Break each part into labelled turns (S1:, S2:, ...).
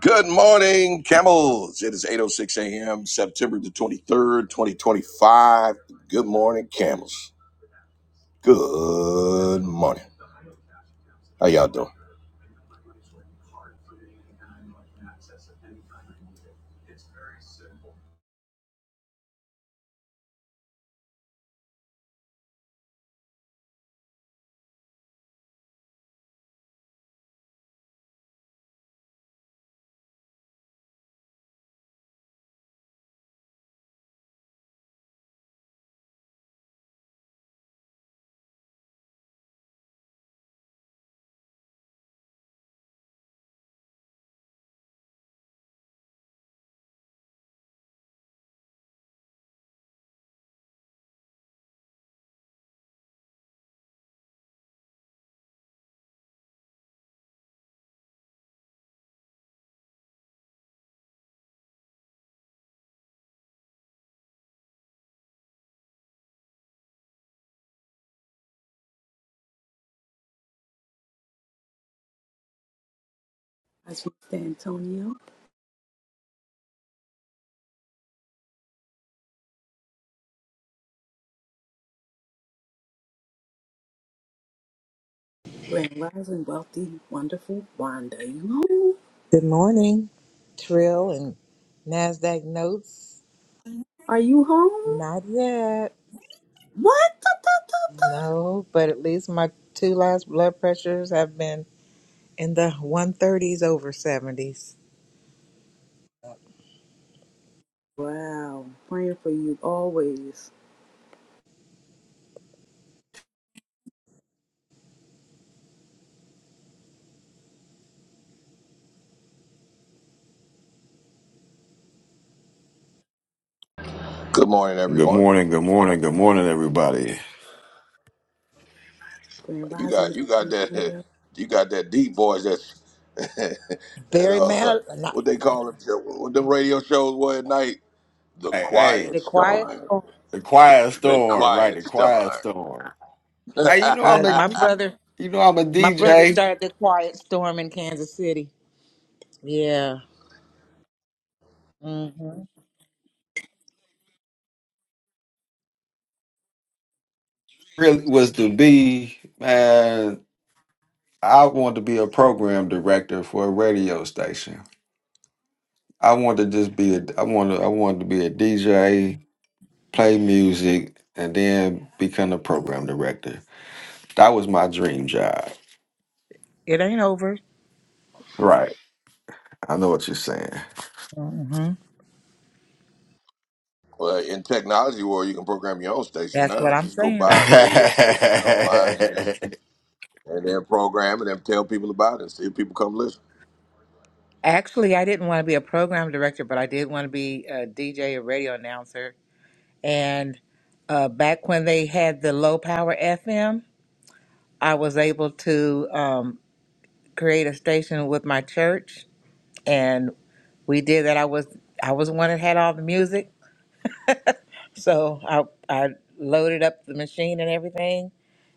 S1: Good morning, camels. It is 8.06 a.m., September the 23rd, 2025. Good morning, camels. Good morning. How y'all doing?
S2: That's Mr. Antonio. Grand Rising Wealthy Wonderful Wanda. You home?
S3: Good morning, Trill and NASDAQ notes.
S2: Are you home?
S3: Not yet.
S2: What? Da, da, da, da.
S3: No, but at least my two last blood pressures have been in the 130s over 70s.
S2: Wow. Praying for you always.
S1: Good morning,
S4: Good
S1: everyone.
S4: morning, good morning, good morning, everybody.
S2: Grand
S1: You got
S2: Rising
S1: you got
S2: Mr.
S1: that
S2: Antonio.
S1: you got that deep voice that's that
S3: Very
S1: uh
S3: mad. Not
S1: what they call it what the radio shows were at night? The
S4: Hey, hey,
S1: quiet
S3: the quiet.
S1: storm.
S4: the quiet
S1: The
S4: storm, right?
S1: quiet
S4: The quiet
S1: storm.
S4: storm. Hey, you know I'm
S3: Look,
S4: a,
S3: my brother,
S4: you know I'm a
S3: my brother
S4: DJ.
S3: started the quiet storm in Kansas City. Yeah. hmm
S4: Really was to be, man. I want to be a program director for a radio station. I want to just be a, I want to, I wanted to be a DJ, play music, and then become a program director. That was my dream job.
S3: It ain't over.
S4: Right. I know what you're saying.
S3: hmm
S1: Well, in technology world, you can program your own station
S3: That's what
S1: now.
S3: I'm
S1: Just go
S3: saying.
S4: oh,
S1: buy a radio station online and just and then program it and tell people about it and see if people come listen.
S3: Actually, I didn't want to be a program director, but I did want to be a DJ, a radio announcer And uh, back when they had the low power FM, I was able to um, create a station with my church, and we did that. I was I was the one that had all the music, so I I loaded up the machine and everything,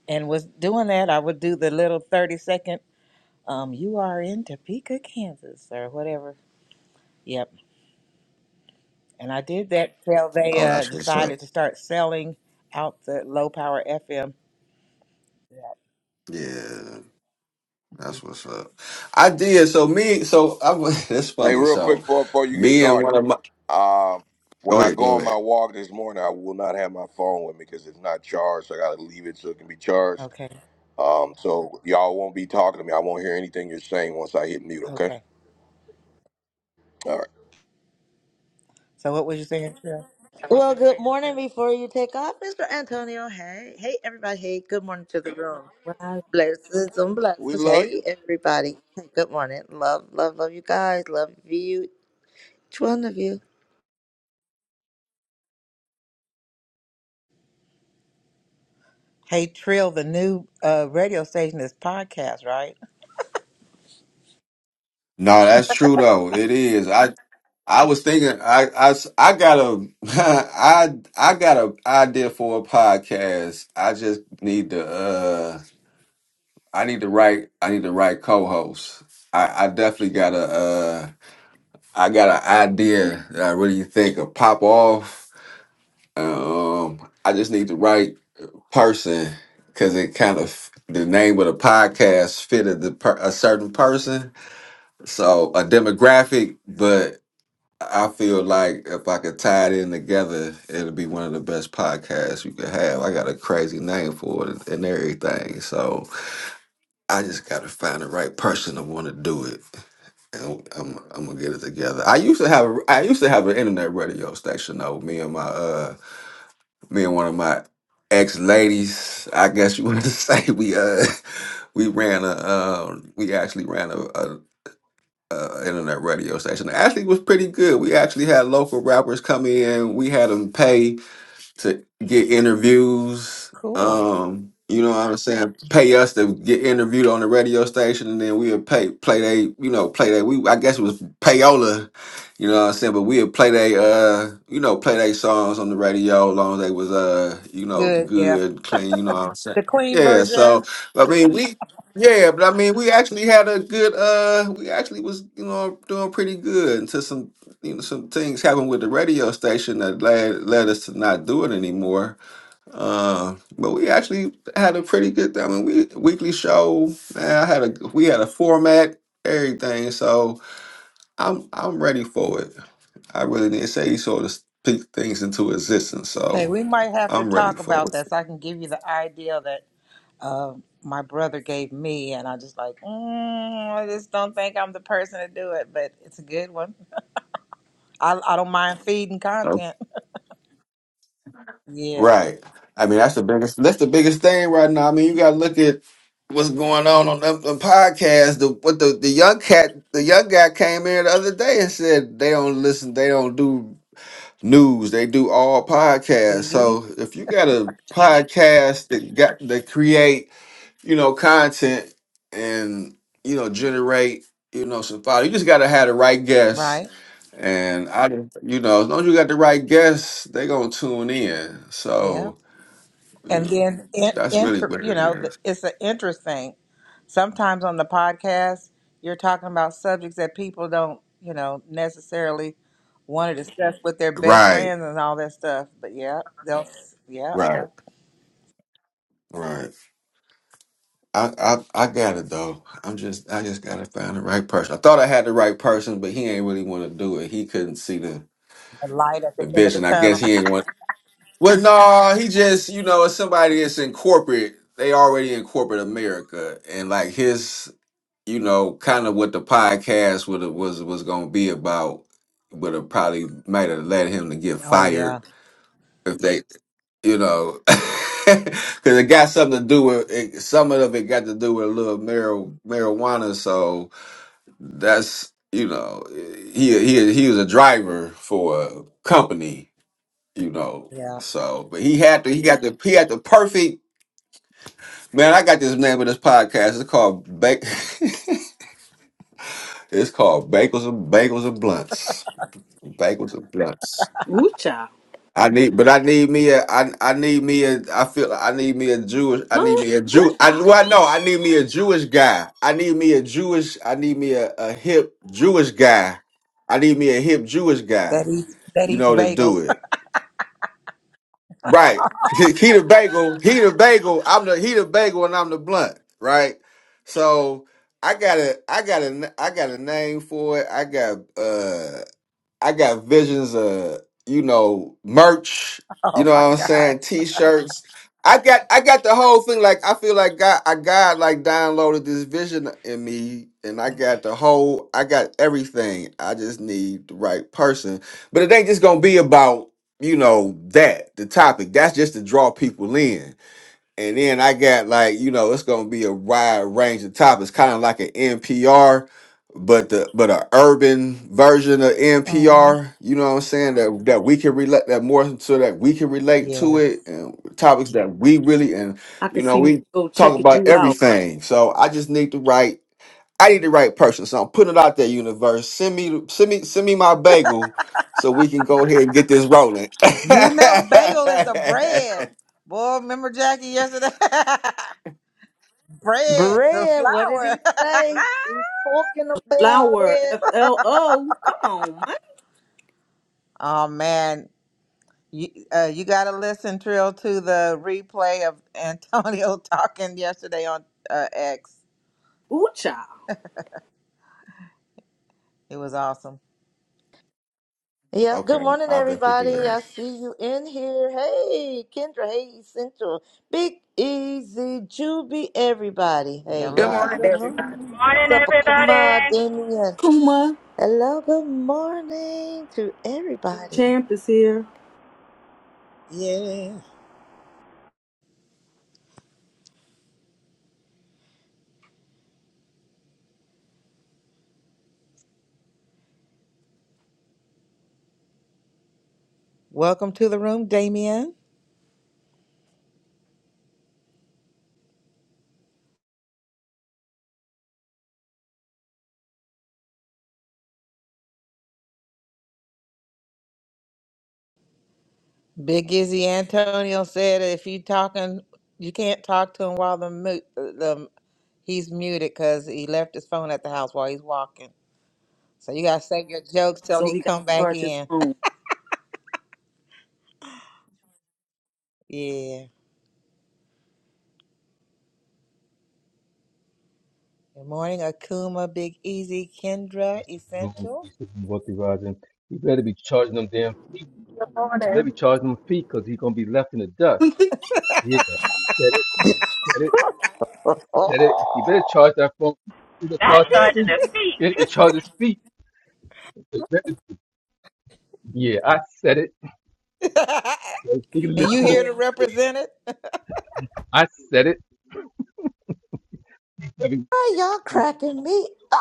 S3: and was doing that. I would do the little thirty second. Um, you are in Topeka, Kansas, or whatever. Yep, and I did that till they uh,
S4: that's what's up.
S3: decided to start selling out the low power FM.
S4: Yeah, that's what's up. I did. So me, so I was. That's
S1: Hey,
S4: funny.
S1: real quick
S4: So
S1: before, before you get
S4: me and
S1: started,
S4: one of my.
S1: um, when
S4: Go
S1: I
S4: ahead.
S1: go
S4: Go
S1: on my
S4: ahead.
S1: walk this morning, I will not have my phone with me because it's not charged. So I got to leave it so it can be charged.
S3: Okay,
S1: Um, so y'all won't be talking to me. I won't hear anything you're saying once I hit mute. Okay.
S3: okay.
S1: All right.
S3: So what was you saying, Trill?
S5: Well, good morning before you take off, Mr. Antonio. Hey, hey, everybody. Hey, good morning to the room.
S2: Rise.
S5: Blessings and
S1: We
S5: blessings.
S1: love
S5: Hey,
S1: you.
S5: everybody. Good morning. Love, love, love you guys. Love you, each one of you.
S3: Hey, Trill, the new uh, radio station is podcast, right?
S4: No, that's true though. It is. I I was thinking. I I s- I got a. I I got a idea for a podcast. I just need to. Uh, I need to write. I need to write co-hosts. I I definitely got a. Uh, I got an idea that I really think will pop off. Um, I just need to write. person because it kind of the name of the podcast fitted the per, a certain person, so a demographic. But I feel like if I could tie it in together, it'll be one of the best podcasts you could have. I got a crazy name for it and everything, so I just got to find the right person to want to do it, and I'm, I'm gonna get it together. I used to have a, I used to have an internet radio station though. Me and my uh me and one of my ex ladies, I guess you want to say we uh we ran a uh, we actually ran a, a, a internet radio station. Actually, it was pretty good. We actually had local rappers come in. We had them pay to get interviews.
S3: Cool.
S4: Um, you know what I'm saying? Pay us to get interviewed on the radio station, and then we'll pay play they, you know, play they. We I guess it was payola, you know what I'm saying? But we'll play they, uh, you know, play they songs on the radio, as long as they was uh, you know,
S3: Good. Yeah.
S4: good, clean. You know what I'm saying?
S3: The clean
S4: Yeah. So
S3: version.
S4: I mean, we. Yeah, but I mean, we actually had a good. Uh, we actually was, you know, doing pretty good until some you know, some things happened with the radio station that led led us to not do it anymore. Uh, but we actually had a pretty good. I mean, we weekly show. Man, I had a we had a format, everything. So I'm I'm ready for it. I really did say he sort of speak things into existence.
S3: Hey,
S4: So
S3: we might have to
S4: I'm ready
S3: talk
S4: for
S3: about
S4: it.
S3: that so I can give you the idea that uh, my brother gave me. And I just like, mm, I just don't think I'm the person to do it, but it's a good one. I, I don't mind feeding content. Yeah.
S4: Right. I mean, that's the biggest. That's the biggest thing right now. I mean, you got to look at what's going on on the, the podcast. The what the the young cat, the young guy came in the other day and said they don't listen. They don't do news. They do all podcasts.
S3: See?
S4: So if you got a podcast that got that create, you know, content and you know generate, you know, some follow, you just got to have the right guests.
S3: Right.
S4: And I, you know, as long as you got the right guests, they gonna tune in.
S3: Yeah.
S4: So. You
S3: and
S4: know,
S3: then in,
S4: that's really
S3: inter,
S4: what
S3: you
S4: it
S3: know the-
S4: is.
S3: it's an interest thing sometimes on the podcast you're talking about subjects that people don't you know necessarily want to discuss with their best
S4: Right,
S3: friends and all that stuff but yeah they'll yeah
S4: right, right. I, I, I got it though. I'm just, I just gotta find the right person. I thought I had the right person, but he ain't really want to do it. He couldn't see the,
S3: the light at
S4: the
S3: the end of
S4: vision.
S3: the
S4: I
S3: tunnel
S4: guess he ain't want. Well, no, he just, you know, it's somebody that's in corporate. They already in corporate America, and like his, you know, kind of what the podcast would have- was was gonna be about would have probably might have led him to get
S3: oh yeah
S4: fired if they you know, because it got something to do with it, some of it got to do with a little mar- marijuana. So that's you know, he he he was a driver for a company, you know.
S3: yeah
S4: So, but he had to he got the he had the perfect man. I got this name of this podcast. It's called Bake. it's called Bagels and Bagels and Blunts. Bagels and Blunts.
S2: Ooh child.
S4: I need, but I need me a, I, I need me a, I feel like I need me a Jewish, I
S2: Lord.
S4: need me a
S2: Ooh
S4: Jew, I,
S2: child.
S4: well, no, I need me a Jewish guy. I need me a Jewish, I need me a, a hip Jewish guy. I need me a hip Jewish guy,
S3: that eats that
S4: you
S3: eats
S4: know, to do
S3: bagels
S4: it. Right. He he the bagel, he the bagel, I'm the, he the bagel and I'm the blunt, right? So I got a, I got a, I got a name for it. I got, uh, I got visions of you know merch. You
S3: oh
S4: know what
S3: my
S4: I'm saying?
S3: gosh
S4: T-shirts. I got I got the whole thing. Like I feel like God, I God like downloaded this vision in me, and I got the whole. I got everything. I just need the right person. But it ain't just gonna be about you know that the topic. That's just to draw people in. And then I got like, you know, it's gonna be a wide range of topics, kind of like an NPR, but the but a urban version of
S3: uh-huh.
S4: NPR. You know what I'm saying? That that we can relate that more so that we can relate to
S3: yeah
S4: it and topics that we really and
S2: I can
S4: you know
S2: see my
S4: we
S2: go
S4: talk
S2: checking
S4: about
S2: you out.
S4: everything. So I just need to write. I need the right person. So I'm putting it out there, universe. Send me send me send me my bagel so we can go ahead and get this rolling.
S3: you know bagel is the bread boy remember jackie yesterday bread's the
S5: Brad, what did he
S3: flour
S5: say? He's talking about
S2: Flower
S5: it.
S2: F L O. Come on, man.
S3: Oh man, you uh, you got to listen, Trill, to the replay of Antonio talking yesterday on uh, X.
S2: Ooh child.
S3: It was awesome.
S5: Yep. Good
S4: Okay,
S5: morning,
S4: I'll definitely do
S5: everybody.
S4: that.
S5: I
S3: Yes.
S5: see you in here. Hey, Kendra. Hey, Essential. Big Easy, Juby, everybody. Hey,
S6: Good
S3: Hello to
S5: y'all.
S6: morning,
S3: the
S6: everybody.
S3: room.
S5: What's
S7: Morning,
S5: up, Akuma,
S7: everybody.
S5: Damien?
S2: Kuma
S5: Hello, good morning to everybody.
S2: Champ is here.
S3: Yeah. Welcome to the room, Damien. Big Izzy Antonio said if you talking, you can't talk to him while the mu- uh, the he's muted because he left his phone at the house while he's walking. So you gotta save your jokes till
S2: So
S3: he
S2: he got
S3: come
S2: to
S3: back
S2: charge his
S3: in.
S2: phone.
S3: Yeah. Good morning, Akuma, Big Easy, Kendra,
S8: wrong
S3: Essential.
S8: pieces and wealthy He better be charging them damn.
S6: Good
S8: He better
S6: morning.
S8: be charging them feet because he's gonna be left in the
S2: Come
S8: dust. Yeah, said it, said it, said it. He better
S5: Why
S8: charge that phone. He better
S7: That's
S8: charge his feet.
S7: started to
S8: He
S7: feet.
S8: better be charging his feet. He better- yeah, I said it.
S3: and
S8: So you can listen
S3: you
S8: to the.
S3: here to
S2: on.
S3: represent it?
S8: I said it. Every-
S5: y'all cracking me up?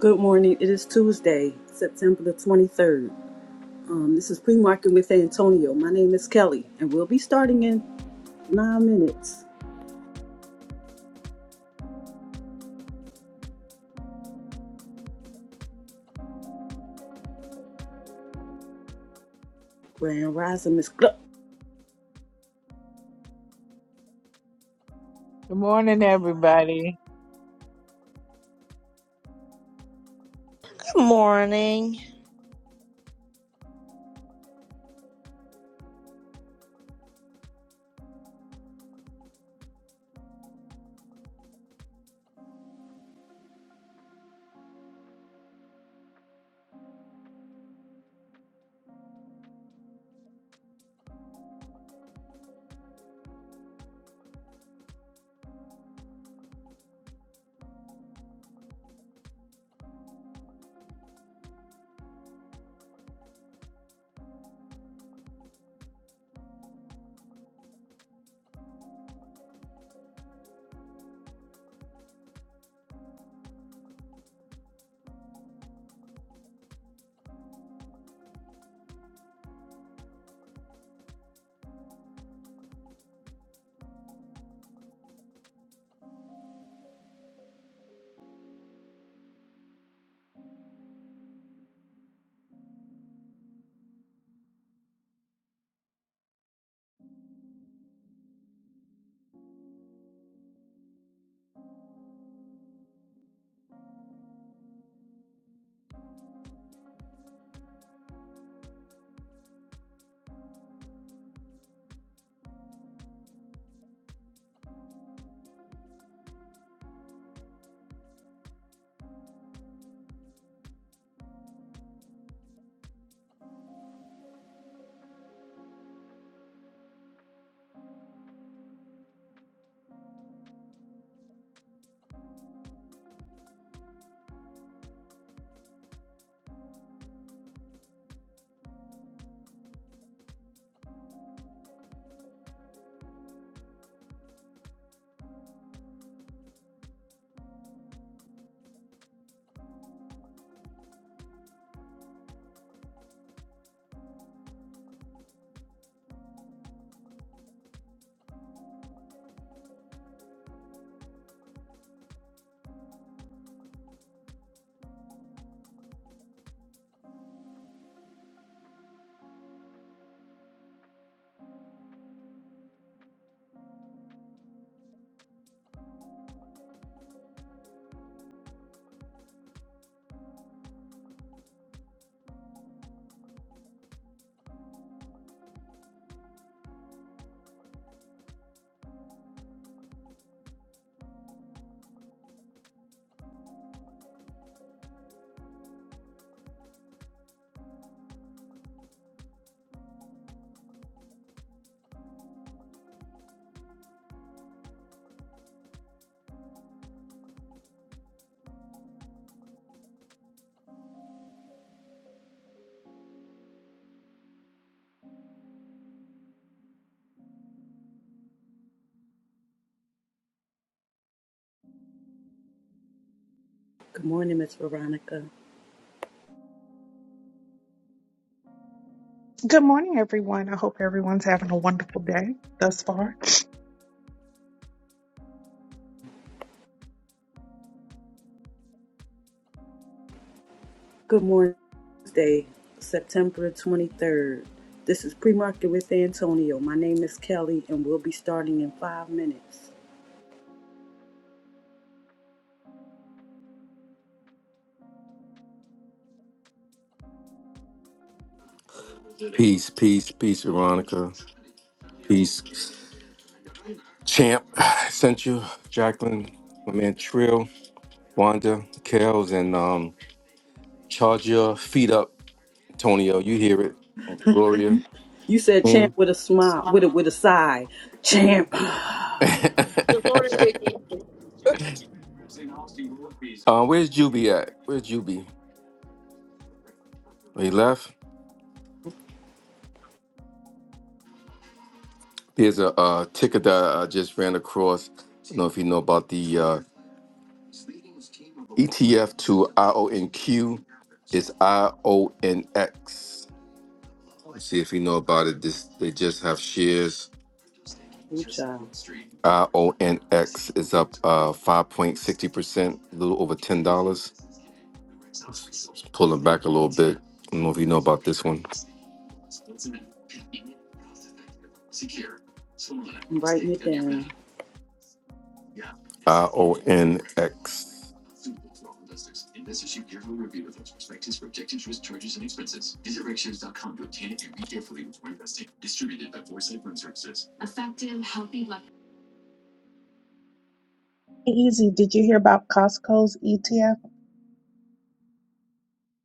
S2: Good morning. It is Tuesday, September the 23rd. Um, this is pre-market with Antonio. My name is Kelly, and we'll be starting in nine minutes. Grand Rising, Miss. Gluck.
S9: Good morning, everybody.
S5: Good morning.
S2: Good morning, Miss Veronica.
S10: Good morning, everyone. I hope everyone's having a wonderful day thus far.
S2: Good morning, Tuesday, September twenty-third. This is pre-market with Antonio. My name is Kelly, and we'll be starting in five minutes.
S8: Peace, peace, peace, Veronica. Peace, champ. Sent you, Jacqueline, my man Trill, Wanda, Kels, and um, charge your feet up, Tonio. You hear it, Gloria.
S2: You said chant with a smile, with a with a sigh. Chant.
S6: Good morning, Vicky.
S8: um, where's Juby at? Where's Juby? Oh, He left. Here's a uh, ticker that I just ran across. So I don't know if you know about the uh, ETF to IONQ. It's IONX. Let's see if you know about it. This they just have shares.
S2: Ooh, child.
S8: IONX is up uh, 5.60%, a little over $10. pulling back a little bit. I don't know if you know about this one.
S2: I'm writing it down.
S8: IONX.
S10: Easy, did you hear about Costco's ETF?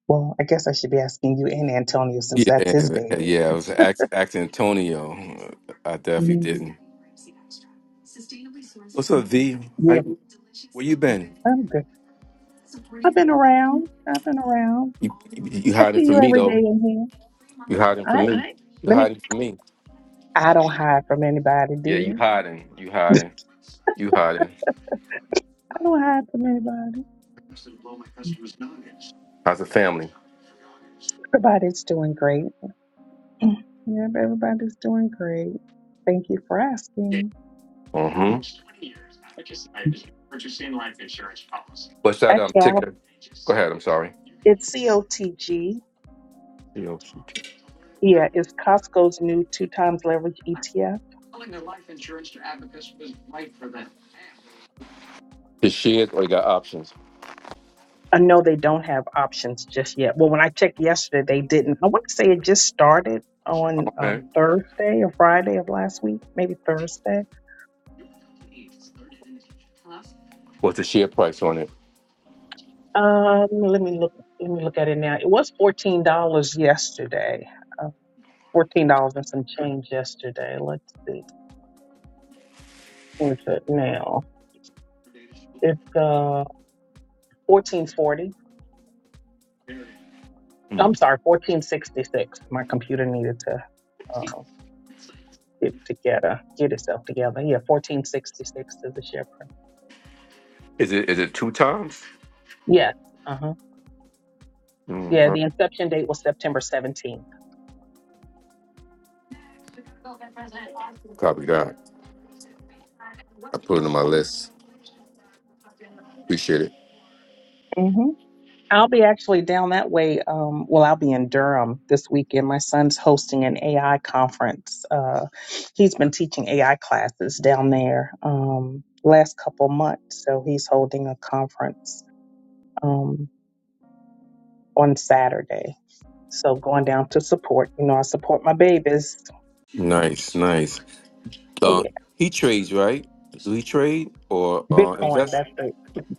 S10: Well, I guess I should be asking you and Antonio since
S8: Yeah,
S10: that's his baby.
S8: yeah, it was act, act Antonio. I definitely
S10: Mhm.
S8: didn't. What's up, V? How,
S10: Yeah,
S8: where you been?
S10: I'm good. I've been around. I've been around.
S8: You, you, you
S10: I
S8: hiding
S10: see you
S8: from me
S10: every day
S8: though.
S10: in here.
S8: You hiding from
S10: I
S8: me. You
S10: let me.
S8: hiding from me.
S10: I don't hide from anybody,
S8: Yeah, you
S10: dear.
S8: hiding. You hiding. You hiding.
S10: I don't hide from anybody.
S8: How's the family?
S10: Everybody's doing great. Yeah, everybody's doing great. Thank you for asking.
S8: Mm-hmm. What's that um
S10: Actually, I'll-
S8: ticket. Go ahead. I'm sorry.
S10: it's COTG.
S8: You know,
S10: Yeah, it's Costco's new two times leverage ETF?
S8: the shares or you got options.
S10: I know they don't have options just yet. Well, when I checked yesterday, they didn't. I want to say it just started on um,
S8: Okay.
S10: Thursday or Friday of last week, maybe Thursday.
S8: What's the share price on it?
S10: Um, let me look. Let me look at it now. It was fourteen dollars yesterday. Uh, fourteen dollars and some change yesterday. Let's see. Where's it now? It's uh fourteen forty.
S8: Mm.
S10: I'm sorry, fourteen sixty six. My computer needed to. uh, get together, get itself together. Yeah, 1466 is the share price.
S8: Is it is it two times?
S10: Yes. Uh huh. Yeah, the inception date was September 17th.
S8: Copy that. I put it on my list. Appreciate it.
S10: hmm I'll be actually down that way. Um, well, I'll be in Durham this weekend. My son's hosting an AI conference. Uh, he's been teaching AI classes down there um, last couple months, so he's holding a conference um, on Saturday. So going down to support, you know, I support my babies.
S8: Nice, nice. Uh,
S10: Yeah.
S8: he trades, right? Do he trade or uh,
S10: Bitcoin,
S8: invest
S10: that's it.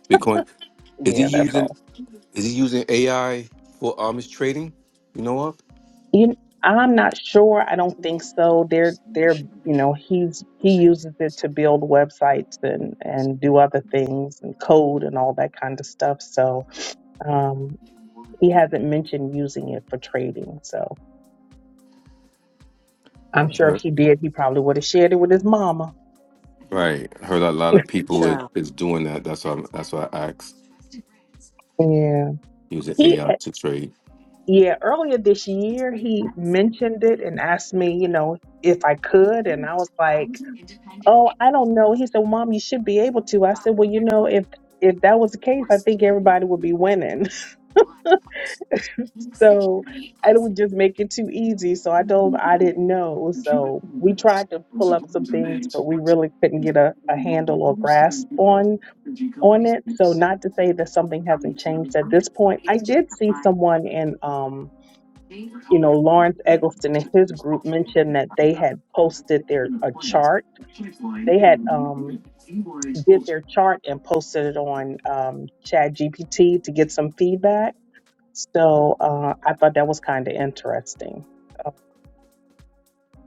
S8: Bitcoin? Bitcoin? Is he
S10: Yeah, that's
S8: using
S10: all.
S8: is he using AI for um his trading? You know what?
S10: You, I'm not sure. I don't think so. They're they're you know he's he uses it to build websites and and do other things and code and all that kind of stuff. So um, he hasn't mentioned using it for trading. So I'm
S8: I
S10: sure if
S8: heard-
S10: he did, he probably would have shared it with his mama.
S8: Right. I heard a lot of people is,
S2: Child.
S8: is doing that. That's why I'm- that's why I asked.
S10: Yeah.
S8: Using
S10: He
S8: AI to trade.
S10: Yeah, earlier this year, he mentioned it and asked me, you know, if I could. And I was like, oh, I don't know. He said, Mom, you should be able to. I said, well, you know, if if that was the case, I think everybody would be winning. So and it would just make it too easy. So I told him I didn't know. So we tried to pull up some things, but we really couldn't get a, a handle or grasp on on it. So not to say that something hasn't changed at this point. I did see someone in um you know, Lawrence Eggleston and his group mentioned that they had posted their a chart. They had um, did their chart and posted it on um, Chat GPT to get some feedback. So uh, I thought that was kind of interesting. Uh,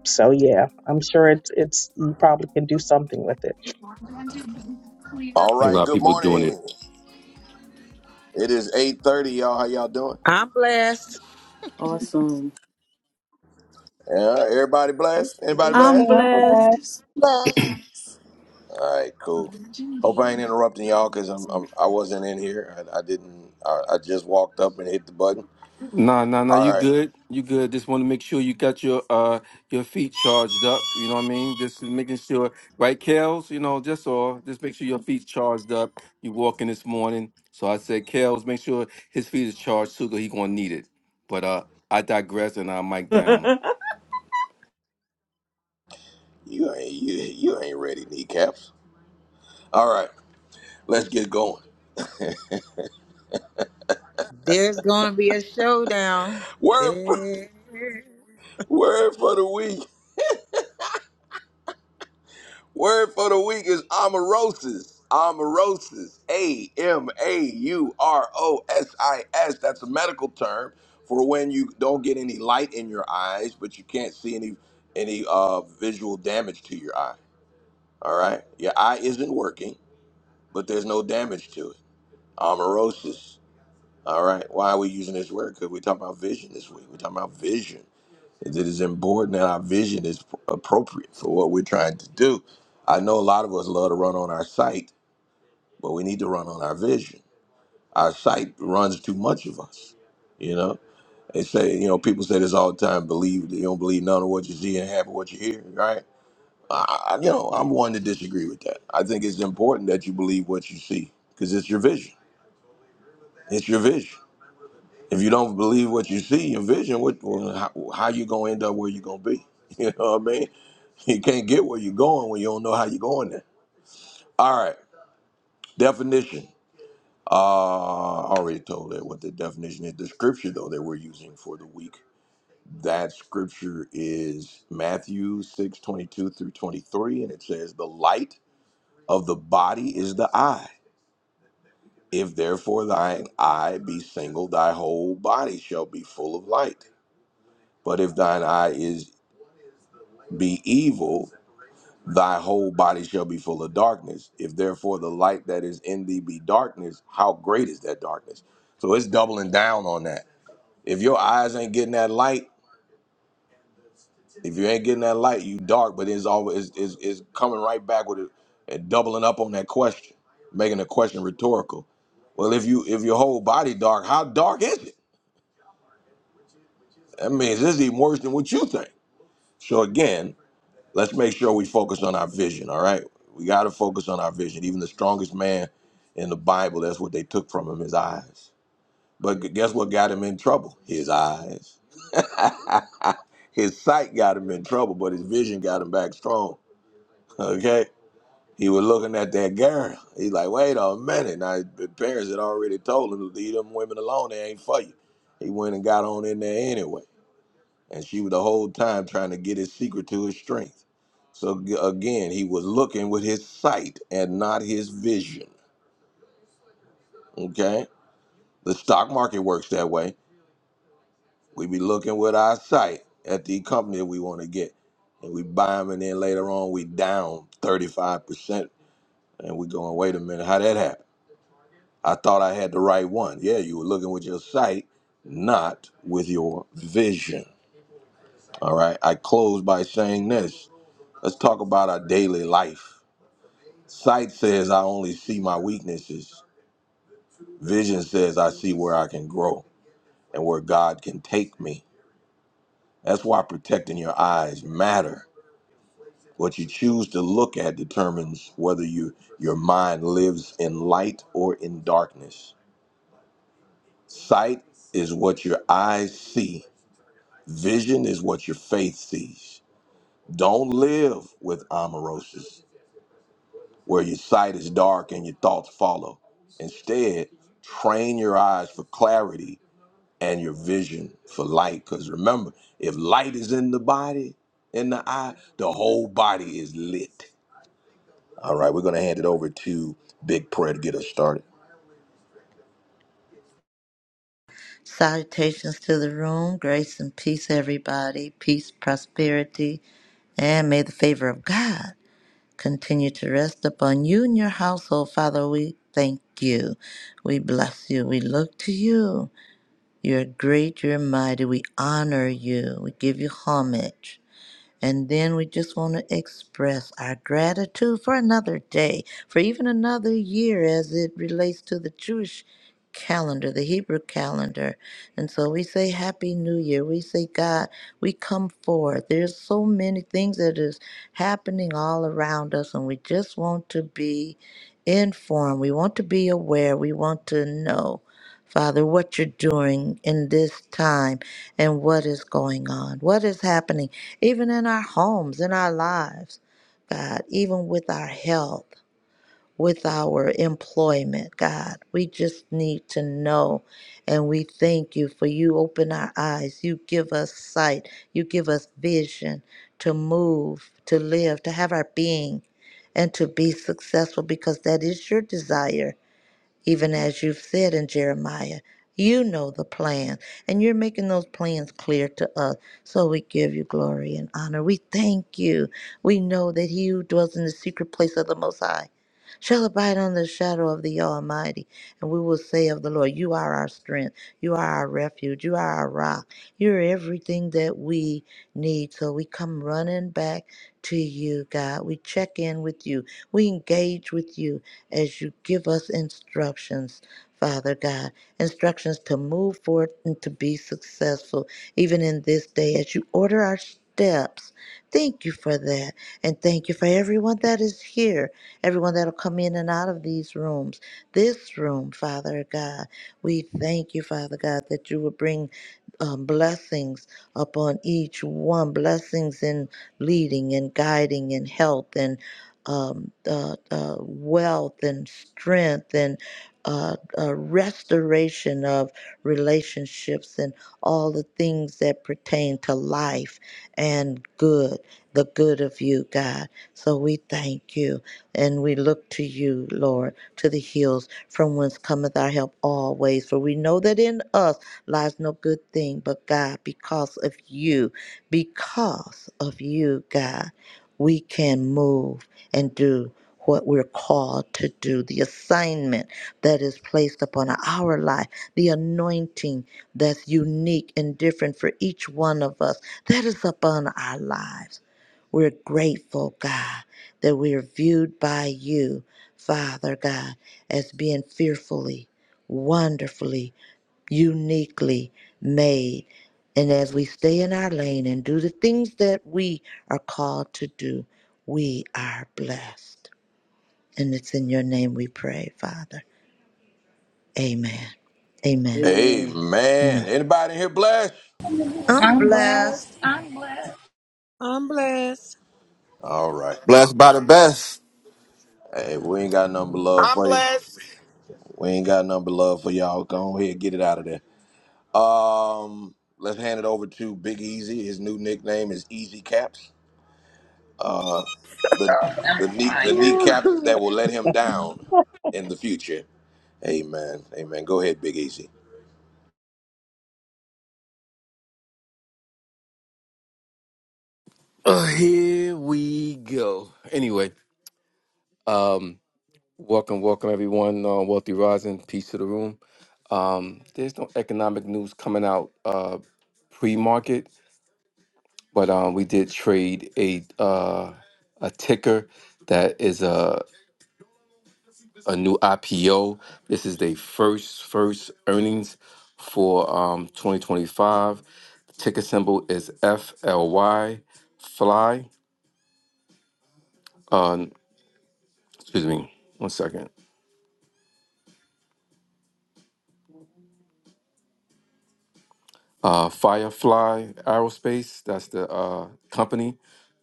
S10: So yeah, I'm sure it's it's you probably can do something with it.
S1: All
S8: A
S1: right.
S8: lot of
S1: Good
S8: people doing it
S1: morning. It is eight thirty, y'all. How y'all doing?
S3: I'm blessed.
S2: Awesome.
S1: Yeah. Everybody blessed.
S10: Good
S1: Anybody
S2: I'm
S1: blessed?
S10: morning, I'm
S2: blessed.
S10: glad.
S5: Love.
S1: All right, cool. Hope I ain't interrupting y'all because I'm, I'm I wasn't in here. I, I didn't. I, I just walked up and hit the button.
S8: Nah, nah, nah.
S1: All
S8: You
S1: right,
S8: good? You good? Just want to make sure you got your uh your feet charged up. You know what I mean? Just making sure, right, Kels? You know, just all. Just make sure your feet charged up. You walking this morning, so I said, Kels, make sure his feet is charged too, 'cause he gonna need it. But uh, I digress, and I mic down.
S1: you ain't you, you ain't ready, kneecaps. All right, let's get going.
S3: There's going to be a showdown.
S1: Word for,
S3: There.
S1: word for the week. Word for the week is amaurosis. Amaurosis. A M A U R O S I S. That's a medical term for when you don't get any light in your eyes, but you can't see any any uh, visual damage to your eyes. All right. Your eye isn't working, but there's no damage to it. Amaurosis. All right. Why are we using this word? Because we're talking about vision this week. We're talking about vision. It is important that our vision is appropriate for what we're trying to do. I know a lot of us love to run on our sight, but we need to run on our vision. Our sight runs too much of us. You know, they say, you know, people say this all the time believe, you don't believe none of what you see and half of what you hear, right? I, I- you know, I'm one to disagree with that. I think it's important that you believe what you see because it's your vision. It's your vision. If you don't believe what you see, your vision, what, well, how, how you gonna end up where you gonna be? You know what I mean? You can't get where you're going when you don't know how you're going there. All right, definition. Uh, I already told it what the definition is. The scripture though that we're using for the week. That scripture is Matthew six twenty two through 23, and it says, "The light of the body is the eye." If therefore thine eye be single, thy whole body shall be full of light. But if thine eye is be evil, thy whole body shall be full of darkness. If therefore the light that is in thee be darkness, how great is that darkness? So it's doubling down on that. If your eyes ain't getting that light, if you ain't getting that light, you dark. But it's always is is coming right back with it and doubling up on that question, making the question rhetorical. Well, if you if your whole body dark, how dark is it? That means this is even worse than what you think. So again, let's make sure we focus on our vision. All right, we got to focus on our vision. Even the strongest man in the Bible, that's what they took from him: his eyes. But gu- guess what got him in trouble? His eyes. his sight got him in trouble, but his vision got him back strong. Okay. He was looking at that girl. He's like, wait a minute. Now, his parents had already told him, leave them women alone. They ain't for you. He went and got on in there anyway. and she was the whole time trying to get his secret to his strength. So g- again, he was looking with his sight and not his vision. Okay, the stock market works that way. We be looking with our sight at the company we want to get, and we buy them, and then later on we down thirty five percent, and we going, wait a minute, how that happened? I thought I had the right one. Yeah, you were looking with your sight, not with your vision. All right. I close by saying this. Let's talk about our daily life Sight says I only see my weaknesses. Vision says I see where I can grow and where God can take me. That's why protecting your eyes matter. What you choose to look at determines whether you your mind lives in light or in darkness. Sight is what your eyes see. Vision is what your faith sees. Don't live with amaurosis, where your sight is dark and your thoughts follow. Instead, train your eyes for clarity and your vision for light. Because remember, if light is in the body, in the eye, the whole body is lit. All right, we're going to hand it over to Big Prayer to get us started.
S5: Salutations to the room. Grace and peace, everybody. Peace, prosperity, and may the favor of God continue to rest upon you and your household. Father, we thank you. We bless you. We look to you. You're great. You're mighty. We honor you. We give you homage. And then we just want to express our gratitude for another day, for even another year as it relates to the Jewish calendar, the Hebrew calendar. And so we say Happy New Year. We say, God, we come forth. There's so many things that is happening all around us, and we just want to be informed. We want to be aware. We want to know. Father, what you're doing in this time and what is going on, what is happening even in our homes, in our lives, God, even with our health, with our employment, God. We just need to know. And we thank you for you open our eyes. You give us sight. You give us vision to move, to live, to have our being, and to be successful because that is your desire even as you've said in Jeremiah. You know the plan, and you're making those plans clear to us. So we give you glory and honor. We thank you. We know that he who dwells in the secret place of the Most High shall abide under the shadow of the Almighty. And we will say of the Lord, You are our strength. You are our refuge. You are our rock. You're everything that we need. So we come running back to you, God. We check in with you. We engage with you as you give us instructions, Father God, instructions to move forth and to be successful, even in this day, as you order our steps. Thank you for that. And thank you for everyone that is here, everyone that'll come in and out of these rooms. This room, Father God, we thank you, Father God, that you will bring um, blessings upon each one, blessings in leading and guiding and health and um, uh, uh, wealth and strength and uh, uh, restoration of relationships and all the things that pertain to life and good, the good of you, God. So we thank you and we look to you, Lord, to the hills from whence cometh our help always. For we know that in us lies no good thing, but God, because of you, because of you, God, we can move and do what we're called to do, the assignment that is placed upon our life, the anointing that's unique and different for each one of us that is upon our lives. We're grateful, God, that we are viewed by you, Father God, as being fearfully, wonderfully, uniquely made. And as we stay in our lane and do the things that we are called to do, we are blessed. And it's in your name we pray, Father. Amen. Amen.
S2: Amen.
S1: Amen.
S5: Amen.
S1: Anybody in here blessed?
S5: I'm
S11: I'm blessed.
S5: blessed.
S11: I'm blessed.
S3: I'm blessed.
S1: All right.
S4: Blessed by the best.
S1: Hey, we ain't got nothing but love
S12: I'm
S1: for you.
S12: blessed.
S1: We ain't got nothing but love for y'all. Go on here, get it out of there. Um, let's hand it over to Big Easy. His new nickname is Easy Caps. The the knee the kneecaps that will let him down in the future. Amen. Amen. Go ahead, Big Easy.
S8: Uh, here we go. Anyway, um, welcome, welcome everyone. Uh, Wealthy Rising, peace to the room. Um, there's no economic news coming out uh pre-market. but um, we did trade a uh, a ticker that is a a new IPO. This is the first first earnings for um, 2025. The ticker symbol is FLY Fly. Uh, excuse me, one second. Uh, Firefly Aerospace. That's the uh, company.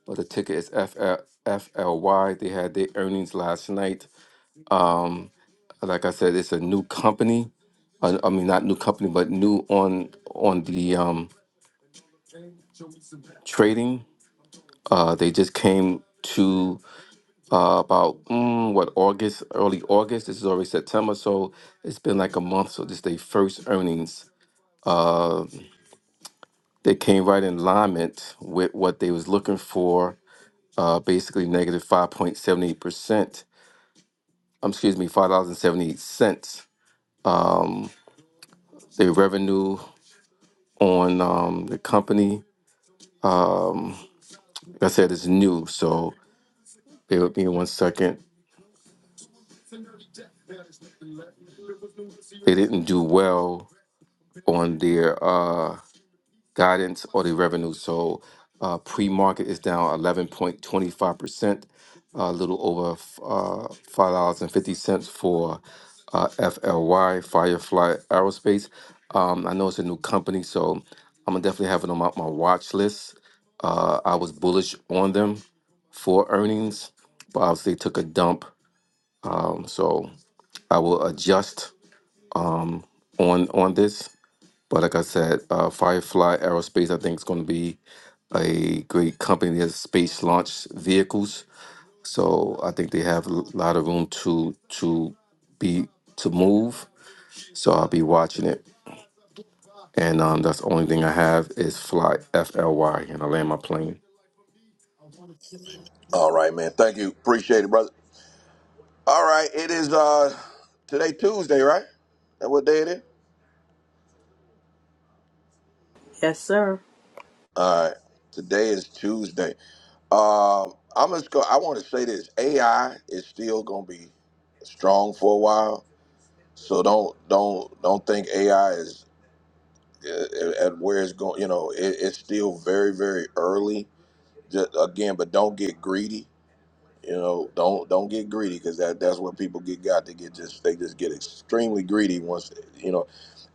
S8: But the ticker is FL, FLY. They had their earnings last night. Um, like I said, it's a new company. Uh, I mean, not new company, but new on on the um, trading. Uh, they just came to uh, about mm, what August, early August. This is already September, so it's been like a month. So this is their first earnings. Uh, they came right in alignment with what they was looking for. Uh, basically negative five point seventy eight percent. Um, excuse me, five dollars and seventy eight cents. Um, their revenue on um, the company. Um, like I said it's new, so bear with me one second. They didn't do well on their uh, guidance or the revenue. So uh, pre-market is down 11.25%, a little over f- uh, $5.50 for uh, FLY, Firefly Aerospace. Um, I know it's a new company, so I'm gonna definitely have it on my, my watch list. Uh, I was bullish on them for earnings, but obviously took a dump. Um, so I will adjust um, on on this. But like I said, uh, Firefly Aerospace, I think, is going to be a great company that has space launch vehicles. So I think they have a lot of room to to be to move. So I'll be watching it. And um, that's the only thing I have is fly F L Y, and I land my plane.
S1: All right, man. Thank you. Appreciate it, brother. All right. It is uh today Tuesday, right? That what day it is?
S2: Yes, sir.
S1: All right. Today is Tuesday. Um, I'm just go I want to say this. AI is still gonna be strong for a while. So don't don't don't think AI is uh, at where it's going. You know, it, it's still very very early. Just, again, but don't get greedy You know, don't don't get greedy because that that's what people get got. They get just they just get extremely greedy once you know.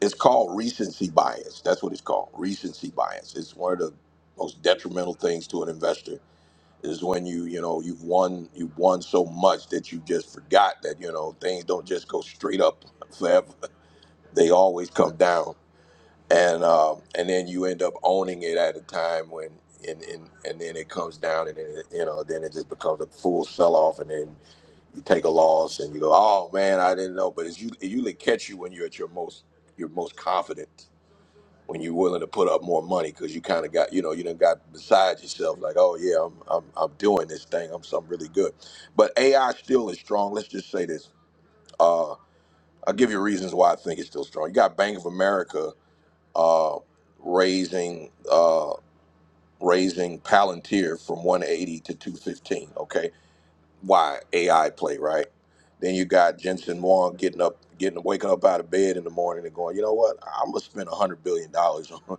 S1: It's called recency bias. That's what it's called. Recency bias. It's one of the most detrimental things to an investor is when you you know you've won you've won so much that you just forgot that you know things don't just go straight up forever. They always come down, and um, and then you end up owning it at a time when. And, and, and then it comes down and then, it- you know then it just becomes a full sell off and then you take a loss and you go, "Oh man, I didn't know." But it's you, it usually catch you when you're at your most, your most confident, when you're willing to put up more money because you kind of got, you know, you done got beside yourself, like, "Oh yeah, I'm, I'm, I'm doing this thing. I'm something really good." But AI still is strong. Let's just say this. Uh, I'll give you reasons why I think it's still strong. You got Bank of America uh, raising, uh, raising Palantir from 180 to 215. Okay why AI play, right? Then you got Jensen Wong getting up, getting waking up out of bed in the morning and going, you know what? I'm gonna spend a hundred billion dollars on, I'm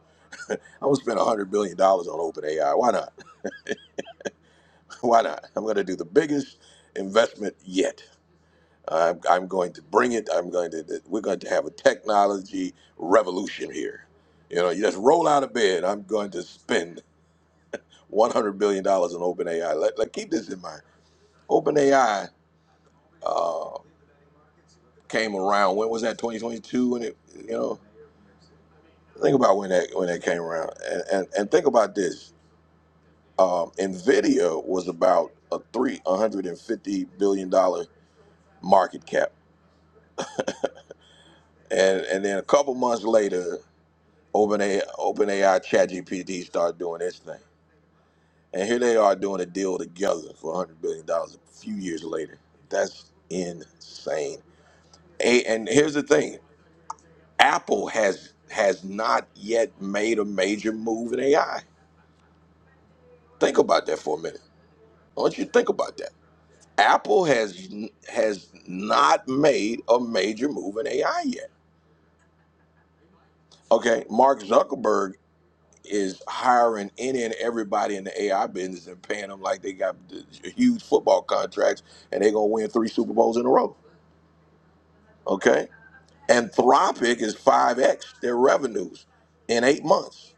S1: gonna spend a hundred billion dollars on OpenAI. Why not? Why not? I'm gonna do the biggest investment yet. I'm, I'm going to bring it. I'm going to. We're going to have a technology revolution here. You know, you just roll out of bed. I'm going to spend 100 billion dollars on OpenAI. Let, let keep this in mind. OpenAI. came around. When was that? 2022. When it, you know, think about when that when that came around, and and, and think about this. Um, Nvidia was about a three 150 billion dollar market cap, and and then a couple months later, OpenAI OpenAI ChatGPT started doing its thing, and here they are doing a deal together for 100 billion dollars a few years later. That's insane. A, and here's the thing: Apple has has not yet made a major move in AI Think about that for a minute. I want you to think about that. Apple has has not made a major move in AI yet. Okay, Mark Zuckerberg is hiring any and everybody in the AI business and paying them like they got the huge football contracts and they're gonna win three Super Bowls in a row. Okay, Anthropic is five x their revenues in eight months.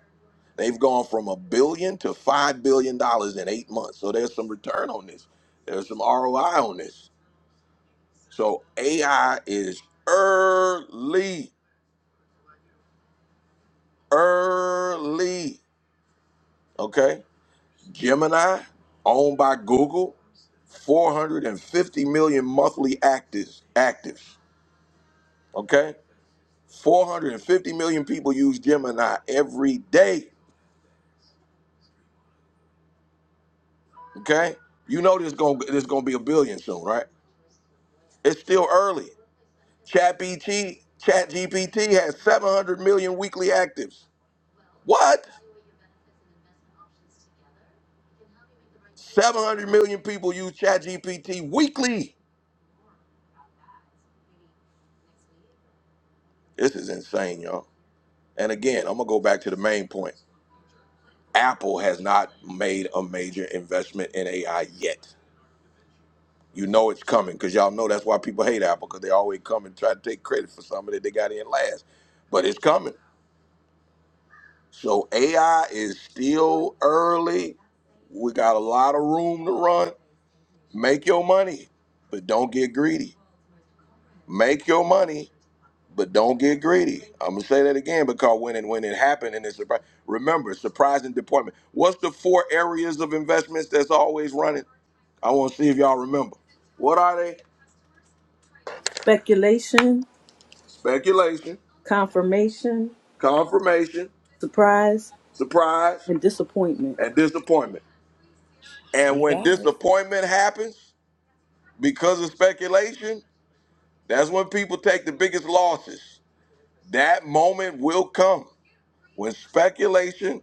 S1: They've gone from a billion to five billion dollars in eight months. So there's some return on this. There's some ROI on this So AI is early, early. Okay. Gemini, owned by Google, 450 million monthly actives. Actives. Okay. 450 million people use Gemini every day. Okay. You know there's gonna there's gonna be a billion soon, right? It's still early. Chat GPT, Chat GPT has 700 million weekly actives. What? 700 million people use ChatGPT weekly. This is insane, y'all. And again, I'm going to go back to the main point. Apple has not made a major investment in AI yet. You know it's coming because y'all know that's why people hate Apple because they always come and try to take credit for something that they got in last. But it's coming. So AI is still early. We got a lot of room to run. Make your money, but don't get greedy. Make your money But don't get greedy. I'm gonna say that again because when it when it happened and it's surprise. Remember, surprise and deployment. What's the four areas of investments that's always running? I want to see if y'all remember. What are they?
S2: Speculation.
S1: Speculation,
S2: confirmation,
S1: confirmation,
S2: surprise,
S1: surprise,
S2: and disappointment.
S1: and disappointment. And
S3: She
S1: when
S3: got
S1: disappointment happens because of speculation, that's when people take the biggest losses. That moment will come when speculation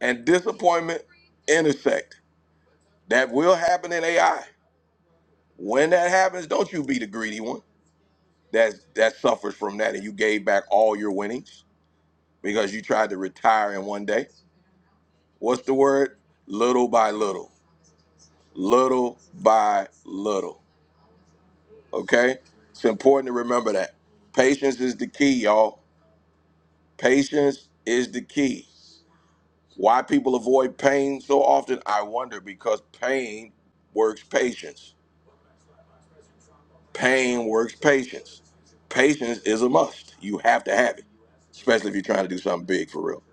S1: and disappointment intersect. That will happen in AI. When that happens, don't you be the greedy one that that suffers from that and you gave back all your winnings because you tried to retire in one day. What's the word? Little by little. Little by little. Okay? It's important to remember that. Patience is the key, y'all. Patience is the key. Why people avoid pain so often, I wonder, because pain works patience. Pain works patience. Patience is a must. You have to have it, especially if you're trying to do something big for real.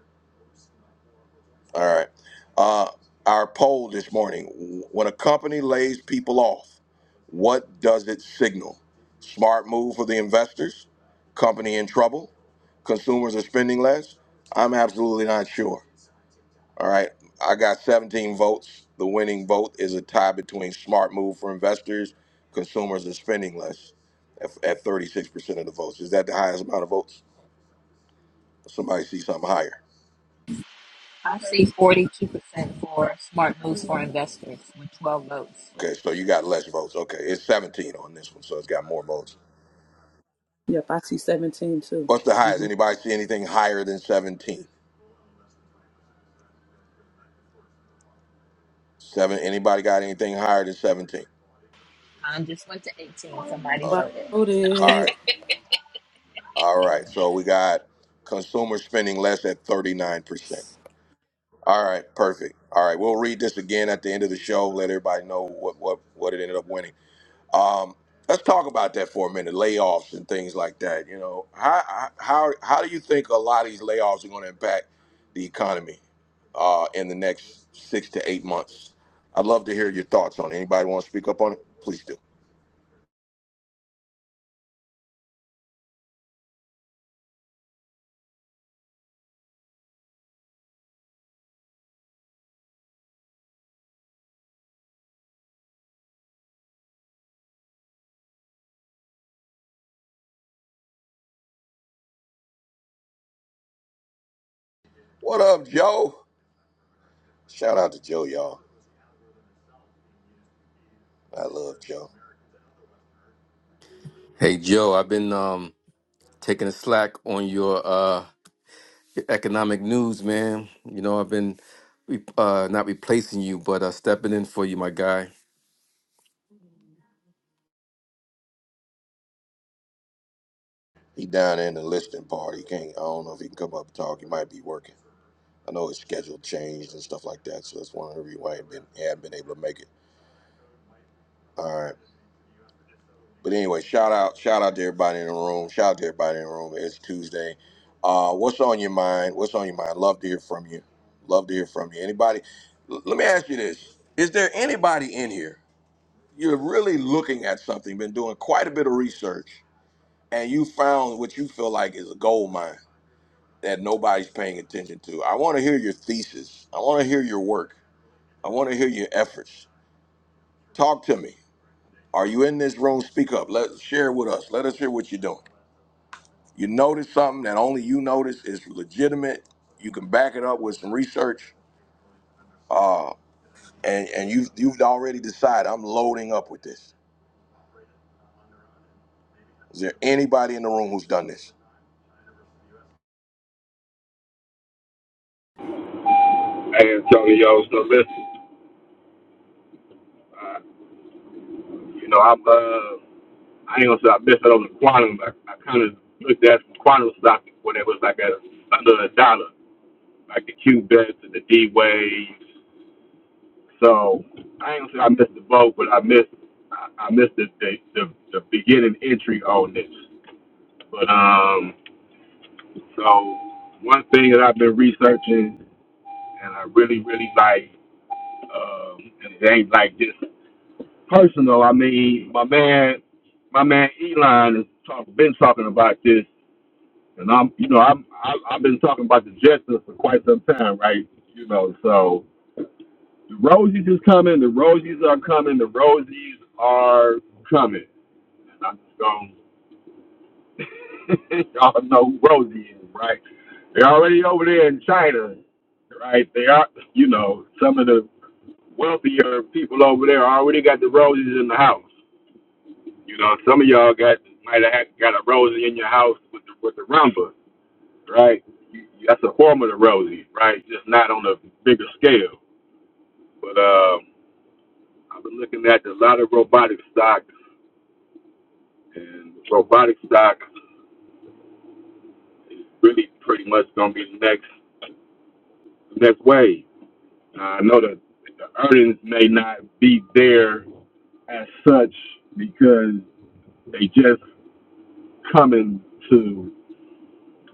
S1: All right. Uh, our poll this morning when a company lays people off, what does it signal? Smart move for the investors? Company in trouble? Consumers are spending less? I'm absolutely not sure. All right. I got 17 votes. The winning vote is a tie between smart move for investors. Consumers are spending less at, at 36% of the votes. Is that the highest amount of votes? Somebody see something higher.
S11: I see 42% for smart moves for investors with 12 votes.
S1: Okay, so you got less votes. Okay, it's 17 on this one, so it's got more votes.
S2: Yep, I see 17 too.
S1: What's the highest?
S2: Mm-hmm.
S1: Anybody see anything higher than 17? Seven. Anybody got anything higher than 17?
S11: Mine just went to 18. Somebody
S1: Uh,
S2: Body
S11: voted. No.
S1: all
S2: loaded.
S1: right. All right. So we got consumers spending less at 39%. All right, perfect. All right, we'll read this again at the end of the show. Let everybody know what what what it ended up winning. Um, let's talk about that for a minute. Layoffs and things like that. You know, how how how do you think a lot of these layoffs are going to impact the economy uh, in the next six to eight months? I'd love to hear your thoughts on it. Anybody want to speak up on it? Please do. What up, Joe? Shout out to Joe, y'all. I love Joe.
S8: Hey Joe, I've been um, taking a slack on your uh, your economic news, man. You know I've been re- uh, not replacing you, but uh, stepping in for you, my guy.
S1: He down there in the listening part. He can't. I don't know if he can come up and talk. He might be working. I know his schedule changed and stuff like that, so that's one of the reasons why he been he hadn't been able to make it. All right, but anyway, shout out, shout out to everybody in the room. Shout out to everybody in the room. It's Tuesday. Uh, what's on your mind? What's on your mind? Love to hear from you. Love to hear from you. Anybody? l- let me ask you this: Is there anybody in here? You're really looking at something, been doing quite a bit of research, and you found what you feel like is a gold mine that nobody's paying attention to. I want to hear your thesis. I want to hear your work. I want to hear your efforts. Talk to me. Are you in this room? Speak up. Let share with us. Let us hear what you're doing. You notice something that only you notice is legitimate. You can back it up with some research. Uh, and and you've you've already decided I'm loading up with this. Is there anybody in the room who's done this?
S4: Hey, Antonio, so listen, uh, you know, I'm, uh, I ain't gonna say I missed out on the quantum. I, I kind of looked at some quantum stock when it was like at under a dollar, like the Q bets and the D waves. So I ain't gonna say I missed the boat, but I missed, I, I missed the, the the the beginning entry on this. But um, so one thing that I've been researching and I really really like, um, and it ain't like this. personal, I mean, my man, my man Elon has talk, been talking about this, and I'm, you know, I'm, I, I've been talking about the Jetsons for quite some time, right? You know, so the Rosies is coming, the Rosies are coming, the Rosies are coming, and I'm just going, to y'all know who Rosie is, right? They're already over there in China, right? They are, you know, some of the wealthier people over there already got the Rosies in the house. You know, some of y'all got might have had- got a Rosie in your house with the, with the rumba, right? You, you- that's a form of the Rosie, right? Just not on a bigger scale. But um, I've been looking at a lot of robotic stocks, and robotic stocks really pretty much gonna be the next next wave. Uh, I know that the earnings may not be there as such because they just coming to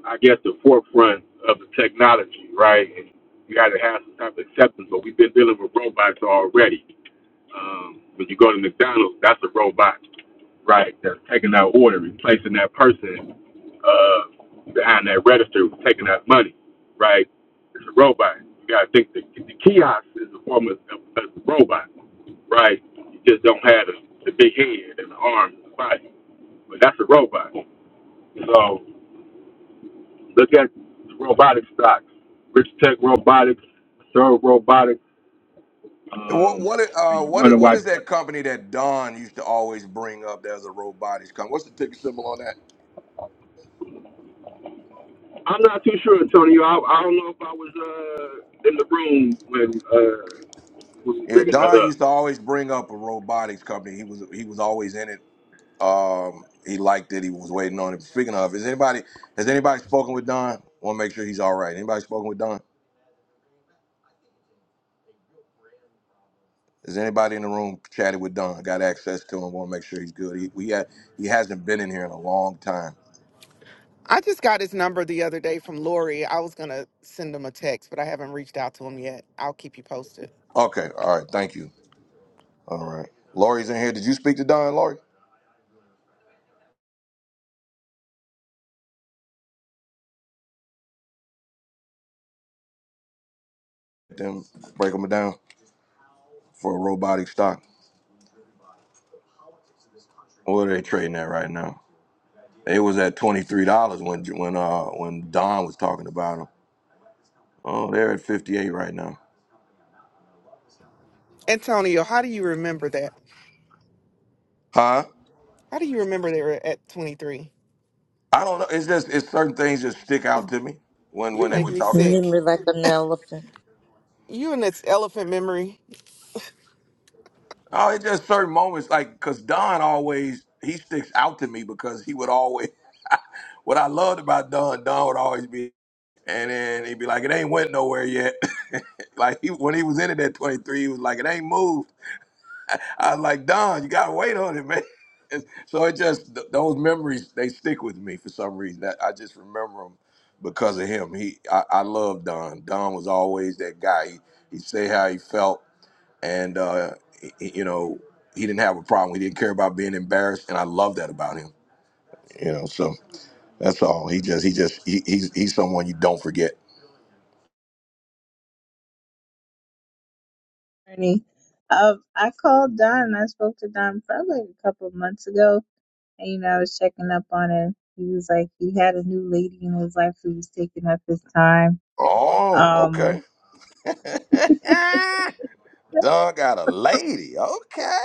S4: I guess, the forefront of the technology, right? And you got to have some type of acceptance, but we've been dealing with robots already. Um, when you go to McDonald's, that's a robot, right? That's taking that order, replacing that person uh, behind that register who's taking that money, right? It's a robot. You got to think the, the kiosk is a form of, of, of a robot, right? You just don't have the, the big head and the arms and the body, but that's a robot. So Look at robotic stocks, Rich Tech Robotics, Serve Robotics,
S1: What
S4: um,
S1: what uh
S4: and you
S1: what is-
S4: wonder
S1: what
S4: why.
S1: is that
S4: I'm
S1: company that Don used to always bring up? There's a robotics company. What's the ticker symbol on that?
S4: not too sure, Antonio. I, I don't know if I was uh, in the room when uh, we was
S1: Yeah,
S4: bringing that
S1: Don
S4: up.
S1: used to always bring up a robotics company. He was he was always in it Um, he liked it. He was waiting on it. Speaking of, is anybody has anybody spoken with Don? Want to make sure he's all right. Anybody spoken with Don? Is anybody in the room chatted with Don? Got access to him? Want to make sure he's good. He we had he hasn't been in here in a long time.
S12: I just got his number the other day from Lori. I was gonna send him a text, but I haven't reached out to him yet. I'll keep you posted.
S1: Okay, all right. Thank you. All right. Lori's in here. Did you speak to Don, Lori? Then break them down for a robotic stock. What are they trading at right now? It was at twenty three dollars when when uh when Don was talking about them. Oh, they're at fifty eight right now.
S12: Antonio, how do you remember that?
S1: Huh?
S12: How do you remember they were at 23?
S1: I don't know. It's just it's certain things just stick out to me when
S12: You
S1: when they
S12: make
S1: were
S12: me
S1: talking.
S12: sick.
S5: Remember like an elephant.
S12: You and this elephant memory.
S1: Oh, it's just certain moments like because Don always he sticks out to me because he would always what I loved about Don. Don would always be and then he'd be like, "It ain't went nowhere yet." like he, when he was in it at twenty three, he was like, "It ain't moved." I was like, Don, you gotta wait on it, man. And so it just th- those memories they stick with me for some reason. That I just remember them because of him. He, I, I love Don. Don was always that guy. He he say how he felt, and uh, he, he- you know he didn't have a problem. He didn't care about being embarrassed, and I love that about him. You know, so that's all. He just he just he, he's he's someone you don't forget.
S13: journey. Um, I called Don. I spoke to Don probably a couple of months ago, and you know I was checking up on him. He was like he had a new lady in his life who was taking up his time.
S1: Oh, okay.
S13: Um,
S1: Don got a lady. Okay.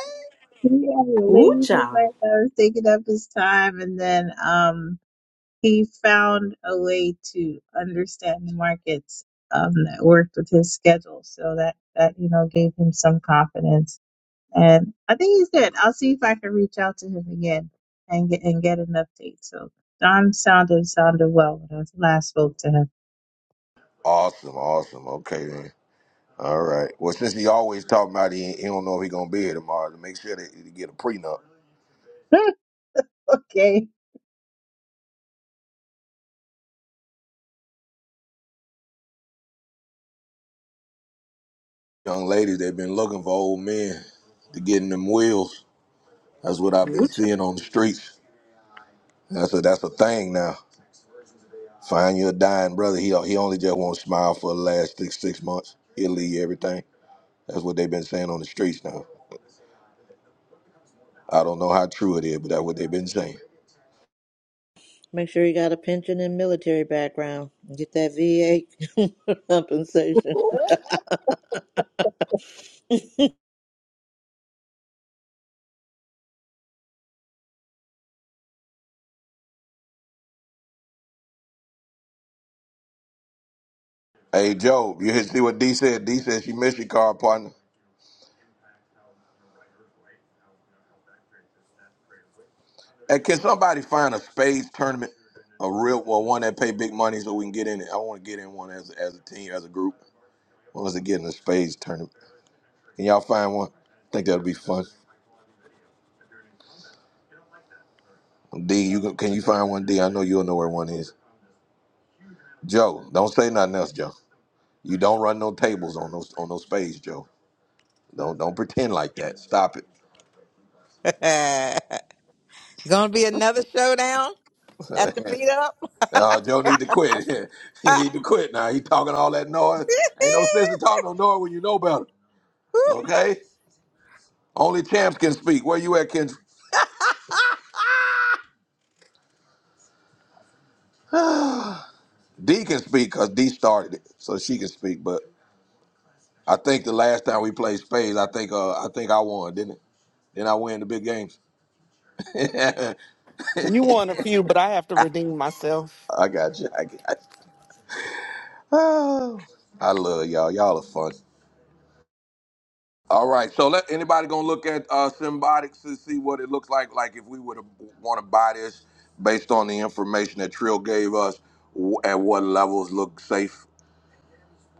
S13: he had a
S2: Ooh,
S13: lady in his
S2: child.
S13: life that was taking up his time, and then um, he found a way to understand the markets um, that worked with his schedule, so that that you know gave him some confidence And I think he's good. I'll see if I can reach out to him again and get and get an update. So Don sounded sounded well when I last spoke to
S1: Awesome, awesome. Okay then. All right. Well, since he always talking about he, he don't know if he gonna be here tomorrow, to make sure that he get a prenup.
S13: him. okay.
S1: Young ladies, they've been looking for old men to get in them wheels. That's what I've been
S2: Ooh, child.
S1: seeing on the streets. That's a that's a thing now. Find your dying brother. He he only just won't smile for the last six six months. He'll leave you everything. That's what they've been saying on the streets now. I don't know how true it is, but that's what they've been saying.
S5: Make sure you got a pension and military background. Get that VA compensation.
S2: Ooh, child.
S1: Hey Joe, you hear- see what D said? D said she missed your car partner. Hey, can somebody find a spades tournament, a real well, one that pay big money so we can get in it? I want to get in one as as a team, as a group. What was it, to get in a spades tournament. Can y'all find one? I think that'll be fun. D, you can, can you find one? D, I know you'll know where one is. Joe, don't say nothing else, Joe. You don't run no tables on those on those spades, Joe. Don't don't pretend like that. Stop
S3: it. going to be another showdown at the
S1: it.
S3: meetup.
S1: Uh, Joe need to quit. he need to quit now. He talking all that noise. Ain't no sense to talk no noise when you know better.
S3: Woo.
S1: Okay? Only champs can speak. Where you at, Ken? D can speak because D started it, so she can speak. But I think the last time we played spades, I think uh, I think I won, didn't it? Then I win the big games. I
S12: You won a few, but I have to redeem myself.
S1: got you. I got you. Oh, I love y'all. Y'all are fun. All right. So let anybody gonna look at uh, Symbiotics to see what it looks like. Like if we would want to buy this based on the information that Trill gave us, w- at what levels look safe.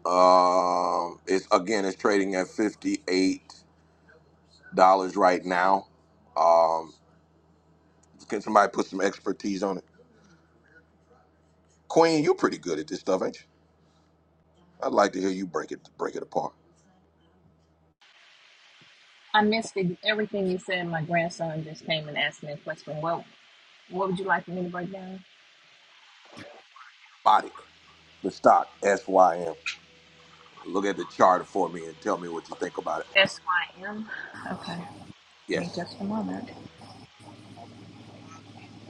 S1: Um, it's again, it's trading at 58. dollars right now. Um, can somebody put some expertise on it? Queen, you're pretty good at this stuff, ain't you? I'd like to hear you break it break it apart.
S11: I missed it. everything you said. My grandson just came and asked me a question. Well, what would you like for me to break down?
S1: Body, the stock, SYM. Look at the chart for me and tell me what you think about it.
S11: SYM?
S1: Yes.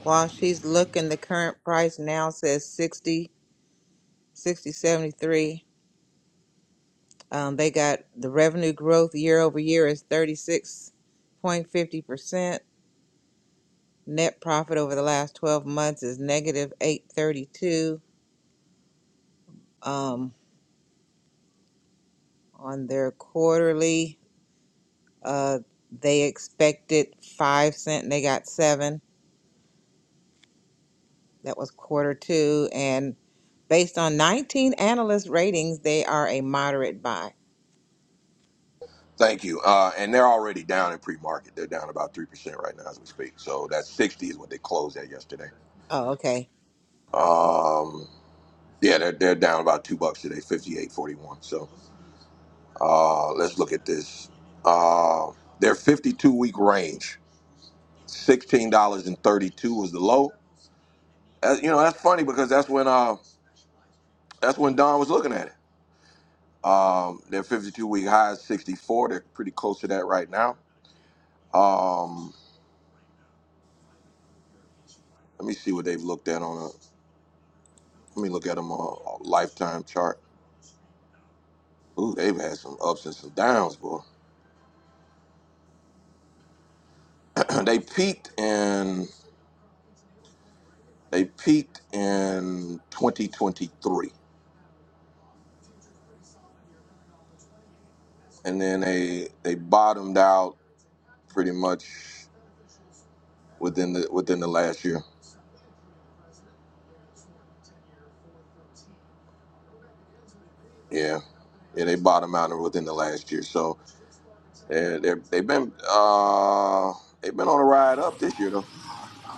S3: While she's looking, the current price now says sixty, sixty seventy three. Um, they got the revenue growth year over year is 36.50%. Net profit over the last 12 months is negative 832. Um, on their quarterly, uh, they expected 5 cent and they got 7. That was quarter 2 and based on 19 analyst ratings, they are a moderate buy.
S1: Thank you. Uh, and they're already down in pre-market. They're down about three percent right now as we speak. So that's sixty is what they closed at yesterday.
S3: Oh, okay.
S1: Um, yeah, they're, they're down about two bucks today, fifty-eight forty-one. So uh, let's look at this. Uh, their fifty-two week range. sixteen dollars and thirty two was the low. That- you know, that's funny because that's when uh that's when Don was looking at it. Um, their fifty two week high is sixty four. They're pretty close to that right now. Um, let me see what they've looked at on a. Let me look at them on a lifetime chart. Ooh, they've had some ups and some downs, boy. they peaked in they peaked in 2023, and then they they bottomed out pretty much within the within the last year. Yeah, yeah, they bottomed out within the last year. So they're, they're, they've been uh, they've been on a ride up this year though.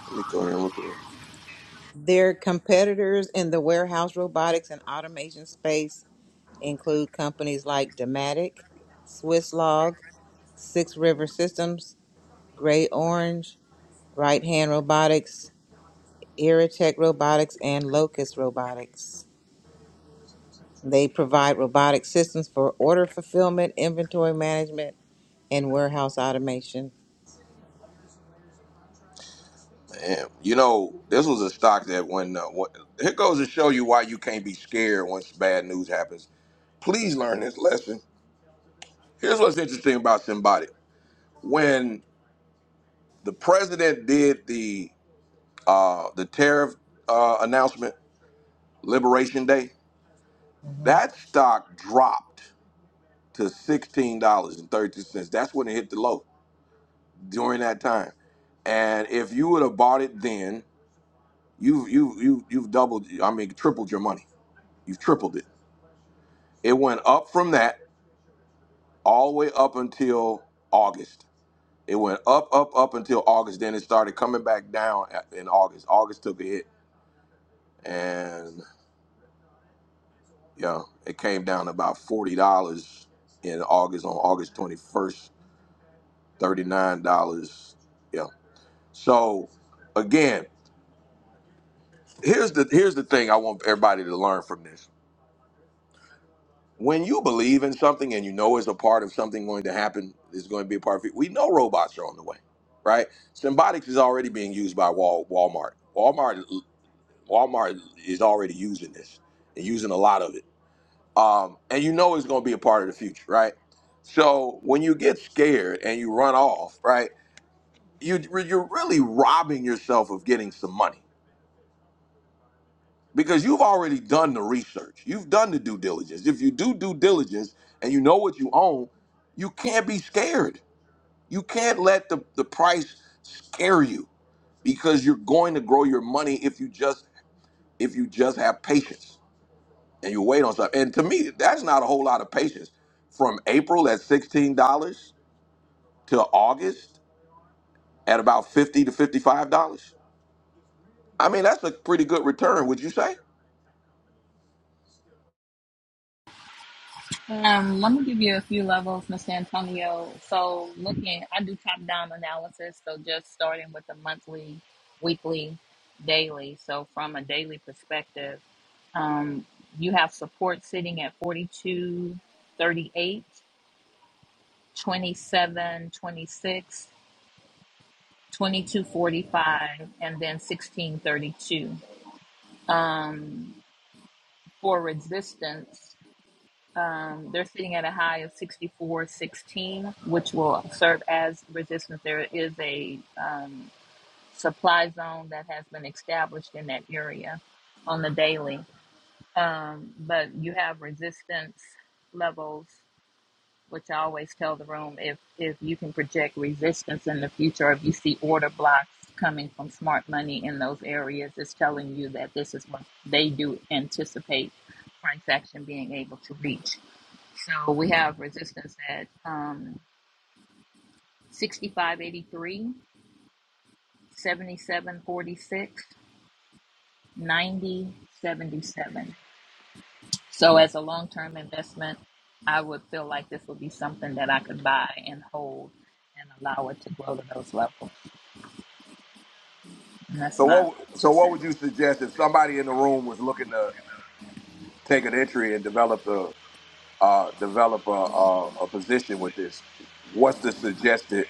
S1: Let me go here and look at it.
S3: Their competitors in the warehouse robotics and automation space include companies like Dematic, Swisslog, Six River Systems, Gray Orange, Right Hand Robotics, Irritech Robotics, and Locust Robotics. They provide robotic systems for order fulfillment, inventory management, and warehouse automation.
S1: Man, you know, this was a stock that when uh, what, here goes to show you why you can't be scared once bad news happens. Please learn this lesson. Here's what's interesting about Symbiotic. When the president did the uh, the tariff uh, announcement, Liberation Day,
S3: Mhm.
S1: that stock dropped to sixteen dollars and thirty cents. That's when it hit the low during that time. And if you would have bought it then, you've you you you've you've doubled. I mean, tripled your money. You've tripled it. It went up from that all the way up until August. It went up up up until August. Then it started coming back down at- in August. August took a hit, and yeah, it came down about forty dollars in August on August twenty first. Thirty nine dollars. Yeah. So again. here's the here's the thing I want everybody to learn from this. When you believe in something and you know it's a part of something going to happen, is going to be a part of it. We know robots are on the way, right? Symbiotics is already being used by Wal, Walmart. Walmart Walmart is already using this and using a lot of it. Um, and you know it's going to be a part of the future, right? So when you get scared and you run off, right? You you're really robbing yourself of getting some money because you've already done the research. You've done the due diligence. If you do due diligence and you know what you own, you can't be scared. You can't let the, the price scare you because you're going to grow your money if you just if you just have patience and you wait on stuff. And to me, that's not a whole lot of patience. From April at sixteen dollars to August at about fifty to fifty five dollars. I mean, that's a pretty good return, would you say?
S11: Um, let me give you a few levels, Mr. Antonio. So, looking, I do top down analysis. So, just starting with the monthly, weekly, daily. So, from a daily perspective, um, you have support sitting at forty-two, thirty-eight, twenty-seven, twenty-six, twenty-two, forty-five, and then 16 32 Um, for resistance, Um, they're sitting at a high of 64.16, which will serve as resistance. There is a um, supply zone that has been established in that area on the daily. Um, but you have resistance levels, which I always tell the room if, if you can project resistance in the future, if you see order blocks coming from smart money in those areas, it's telling you that this is what they do anticipate price action being able to reach. So we have resistance at um, 6583, So as a long term investment, I would feel like this would be something that I could buy and hold and allow it to grow to those levels. And that's
S1: So
S11: my
S1: what? So
S11: two
S1: what would
S11: cents.
S1: you suggest if somebody in the room was looking to? take an entry and develop a uh, develop a, a, a position with this. What's the suggested?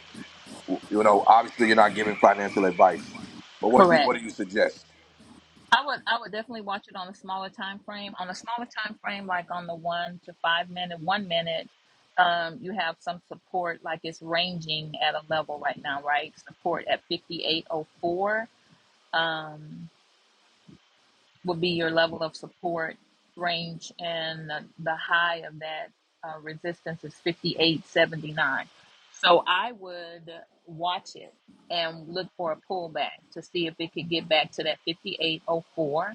S1: You know, obviously you're not giving financial advice, but what you
S11: Correct.
S1: what do you suggest?
S11: I would I would definitely watch it on a smaller time frame. On a smaller time frame, like on the one to five minute, one minute, um, you have some support. Like it's ranging at a level right now, right? Support at fifty eight oh four um, would be your level of support range, and the, the high of that uh, resistance is fifty eight seventy nine. So I would watch it and look for a pullback to see if it could get back to that fifty eight oh four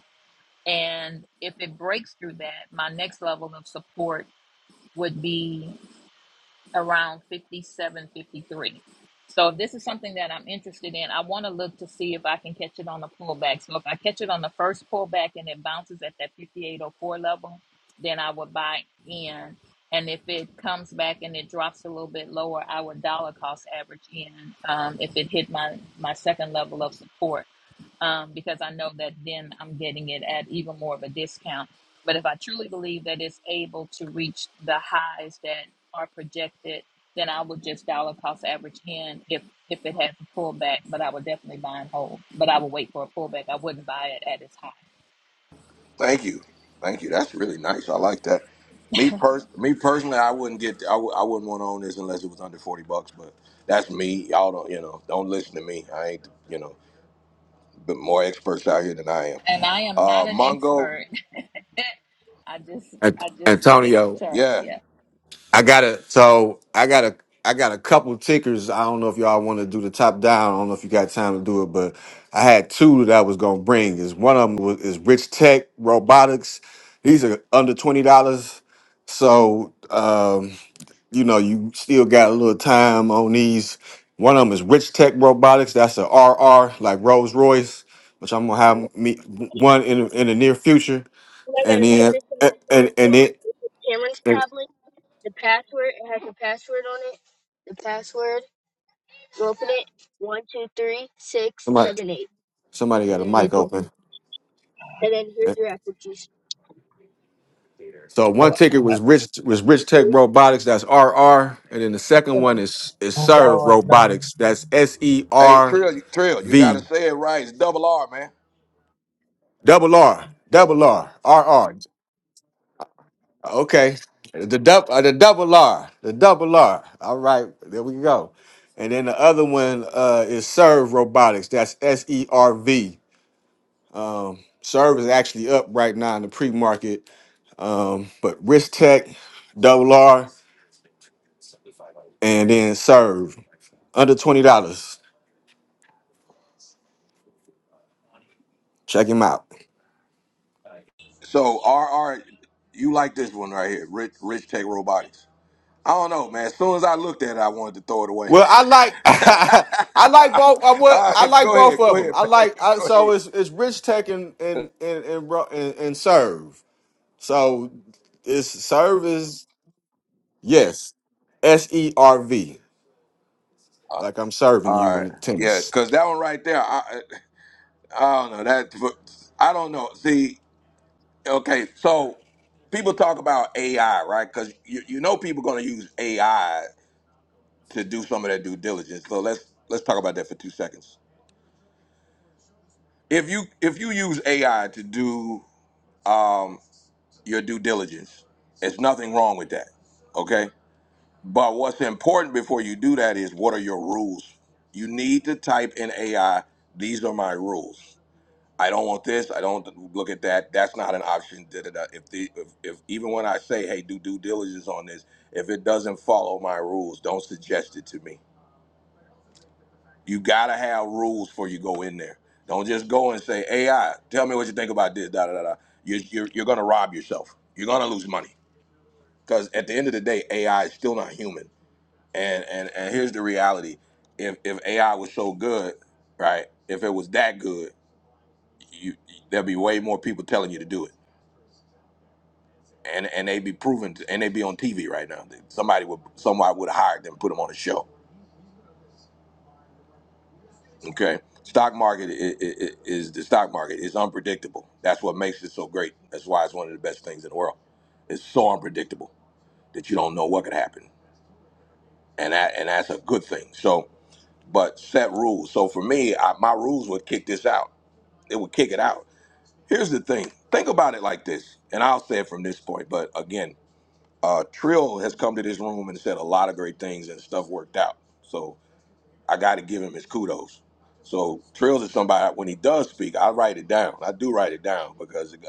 S11: and if it breaks through that, my next level of support would be around 57 53. So if this is something that I'm interested in, I want to look to see if I can catch it on the pullback. So if I catch it on the first pullback and it bounces at that 5804 level, then I would buy in. And if it comes back and it drops a little bit lower, I would dollar cost average in um, if it hit my, my second level of support um, because I know that then I'm getting it at even more of a discount but if I truly believe that it's able to reach the highs that are projected, then I would just dollar cost average in if if it has a pullback. But I would definitely buy and hold. But I would wait for a pullback. I wouldn't buy it at its high.
S1: Thank you, thank you. That's really nice. I like that. Me pers- me personally, I wouldn't get. I w- I wouldn't want to own this unless it was under forty bucks. But that's me. Y'all don't. You know, don't listen to me. I ain't. You know, but more experts out here than I am.
S11: And I am not
S1: Uh,
S11: an
S1: Mongo.
S11: expert. I just
S4: Ant-
S11: I just look at the
S4: Antonio.
S11: charts.
S1: Yeah.
S11: Yeah.
S4: I got to So I got a I got a couple tickers. I don't know if y'all want to do the top down. I don't know if you got time to do it, but I had two that I was gonna bring. Is one of them was, is Rich Tech Robotics. These are under twenty dollars, so um, you know you still got a little time on these. One of them is Rich Tech Robotics. That's a RR like Rolls Royce, which I'm gonna have me one in in the near future, and then and and, and then and somebody somebody got a mic open. So one
S9: Well,
S4: ticket was Rich was Rich Tech Robotics, that's R R, and then the second one is is
S9: oh
S4: Serve
S9: Lord, no.
S4: Robotics, that's S E
S1: Hey,
S4: R
S1: Trill. Trill. You got to
S4: V
S1: say it right. It's double R, man.
S4: double R double R R R. Okay, the double uh, the double R the double R. All right, there we go. And then the other one uh, is Serve Robotics, that's S E R V. Um, Serve is actually up right now in the pre market, um, but Rich Tech double R and then serve under twenty dollars. Check him out.
S1: So R R, you like this one right here, Rich Rich Tech Robotics. I don't know, man. As soon as I looked at it, I wanted to throw it away.
S4: Well, I like I like both. I would
S1: All
S4: I
S1: right,
S4: like
S1: go
S4: both
S1: ahead, go
S4: of them.
S1: ahead,
S4: I
S1: man.
S4: like I,
S1: Go
S4: so
S1: ahead.
S4: it's it's Rich Tech and and and and, Ro- and, and Serve. So it's Serve is yes, S E R V. Like I'm
S1: All
S4: serving you in
S1: right,
S4: the
S1: yeah,
S4: tennis.
S1: because that one right there, I I I don't know that. I don't know. See, okay, so people talk about AI, right? Because you you know people going to use AI to do some of their due diligence. So let's let's talk about that for two seconds. If you if you use AI to do um, your due diligence. It's nothing wrong with that. Okay? But what's important before you do that is what are your rules? You need to type in AI, these are my rules. I don't want this. I don't look at that. That's not an option. Da, da, da. If, the, if, if even when I say, hey, do due diligence on this, if it doesn't follow my rules, don't suggest it to me. You gotta have rules before you go in there. Don't just go and say, AI, tell me what you think about this. Da da da da. you you're, you're gonna rob yourself. You're gonna lose money because at the end of the day, AI is still not human. And and and here's the reality: if if AI was so good, right? If it was that good, you there'd be way more people telling you to do it, and and they'd be proven, to, and they'd be on TV right now. Somebody would somebody would have hired them, put them on a show. Okay, stock market is, is is the stock market is unpredictable. That's what makes it so great. That's why it's one of the best things in the world. It's so unpredictable that you don't know what could happen, and that and that's a good thing. So but set rules. So for me, I, my rules would kick this out. It would kick it out. Here's the thing. Think about it like this, and I'll say it from this point. But again, uh, Trill has come to this room and said a lot of great things, and stuff worked out. So I got to give him his kudos. So Trills is somebody when he does speak, I write it down. I do write it down because it,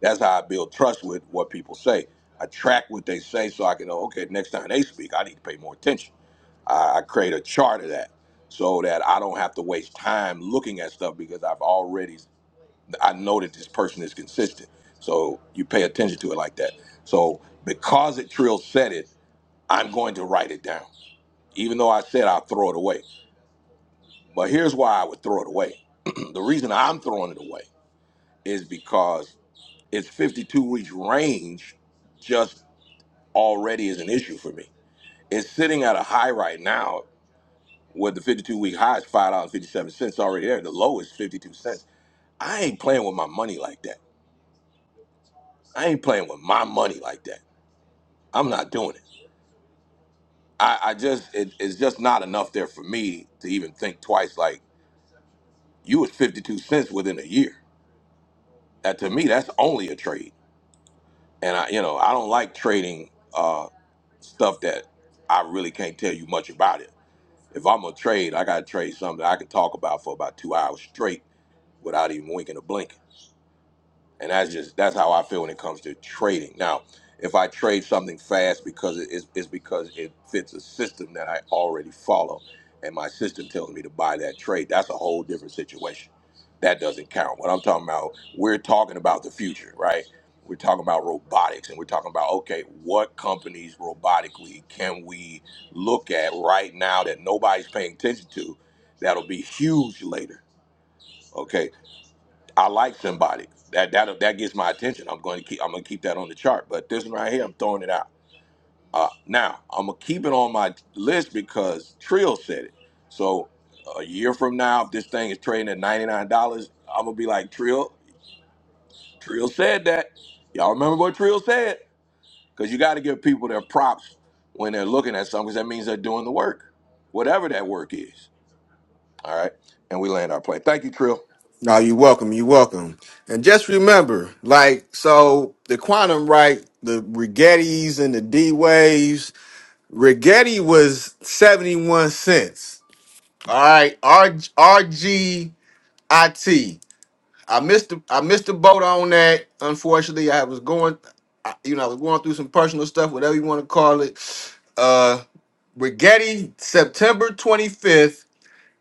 S1: that's how I build trust with what people say. I track what they say so I can know. Okay, next time they speak, I need to pay more attention I, I create a chart of that so that I don't have to waste time looking at stuff because I've already I know that this person is consistent. So you pay attention to it like that. So because it Trill said it, I'm going to write it down. Even though I said I'll throw it away. But here's why I would throw it away. the reason I'm throwing it away is because its 52 weeks range just already is an issue for me. It's sitting at a high right now Well, the 52 week high is $5.57 already there. The low is 52 cents. I ain't playing with my money like that. I ain't playing with my money like that. I'm not doing it. I, I just, it, it's just not enough there for me to even think twice. Like, you was 52 cents within a year. That, to me, that's only a trade. And I, you know, I don't like trading uh, stuff that I really can't tell you much about it. If I'm gonna trade, I gotta trade something I can talk about for about two hours straight without even winking or blinking. and that's just that's how I feel when it comes to trading. Now, if I trade something fast because it is it's because it fits a system that I already follow, and my system tells me to buy that trade, that's a whole different situation. That doesn't count. What I'm talking about, we're talking about the future, right? We're talking about robotics, and we're talking about okay, what companies robotically can we look at right now that nobody's paying attention to, that'll be huge later. okay? I like somebody. That that that gets my attention. I'm going to keep. I'm going to keep that on the chart. But this one right here, I'm throwing it out. Uh, now I'm gonna keep it on my list because Trill said it. So a year from now, if this thing is trading at ninety nine dollars, I'm gonna be like Trill. Trill said that. Y'all remember what Trill said? Because you got to give people their props when they're looking at something because that means they're doing the work, whatever that work is. All right, and we land our plane. Thank you, Trill.
S4: No, you welcome. You welcome. And just remember, like so, the quantum right, the Rigettis and the D waves. Rigetti was 71 cents. All right, R R G I T. I missed the I missed the boat on that. Unfortunately, I was going I, you know, I was going through some personal stuff, whatever you want to call it. Uh Rigetti, September 25th.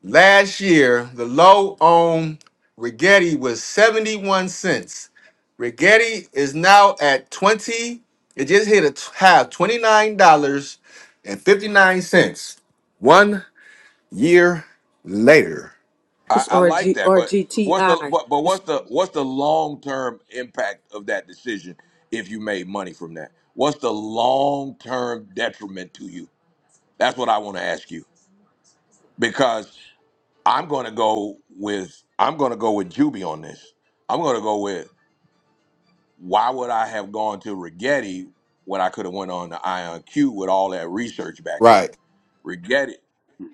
S4: Last year, the low on Rigetti was 71 cents. Rigetti is now at 20. It just hit a t- high of $29.59. One year later.
S1: I,
S2: It's
S1: I
S2: R
S1: like
S2: G
S1: that,
S2: R
S1: but
S2: G T
S1: what's
S2: I.
S1: the but, but
S2: It's,
S1: what's the what's the long term impact of that decision if you made money from that? What's the long term detriment to you? That's what I want to ask you because I'm going to go with I'm going to go with Juby on this. I'm going to go with why would I have gone to Rigetti when I could have went on to Ion Q with all that research back in it?
S4: Right,
S1: Rigetti,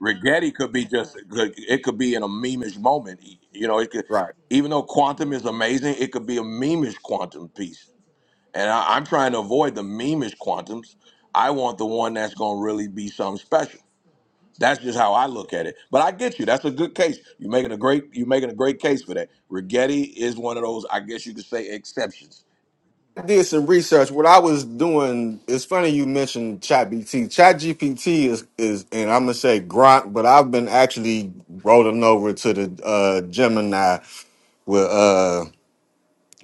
S1: Rigetti could be just could- it could be in a memeish moment. You know, it could
S4: right.
S1: even though quantum is amazing, it could be a memeish quantum piece. And I, I'm trying to avoid the memeish quantums. I want the one that's going to really be something special. That's just how I look at it. But I get you. That's a good case. You're making a great. You're making a great case for that. Rigetti is one of those. I guess you could say exceptions.
S4: I did some research. What I was doing, it's funny you mentioned ChatGPT. ChatGPT is is, and I'm gonna say Grok, but I've been actually rolling over to the uh Gemini with uh.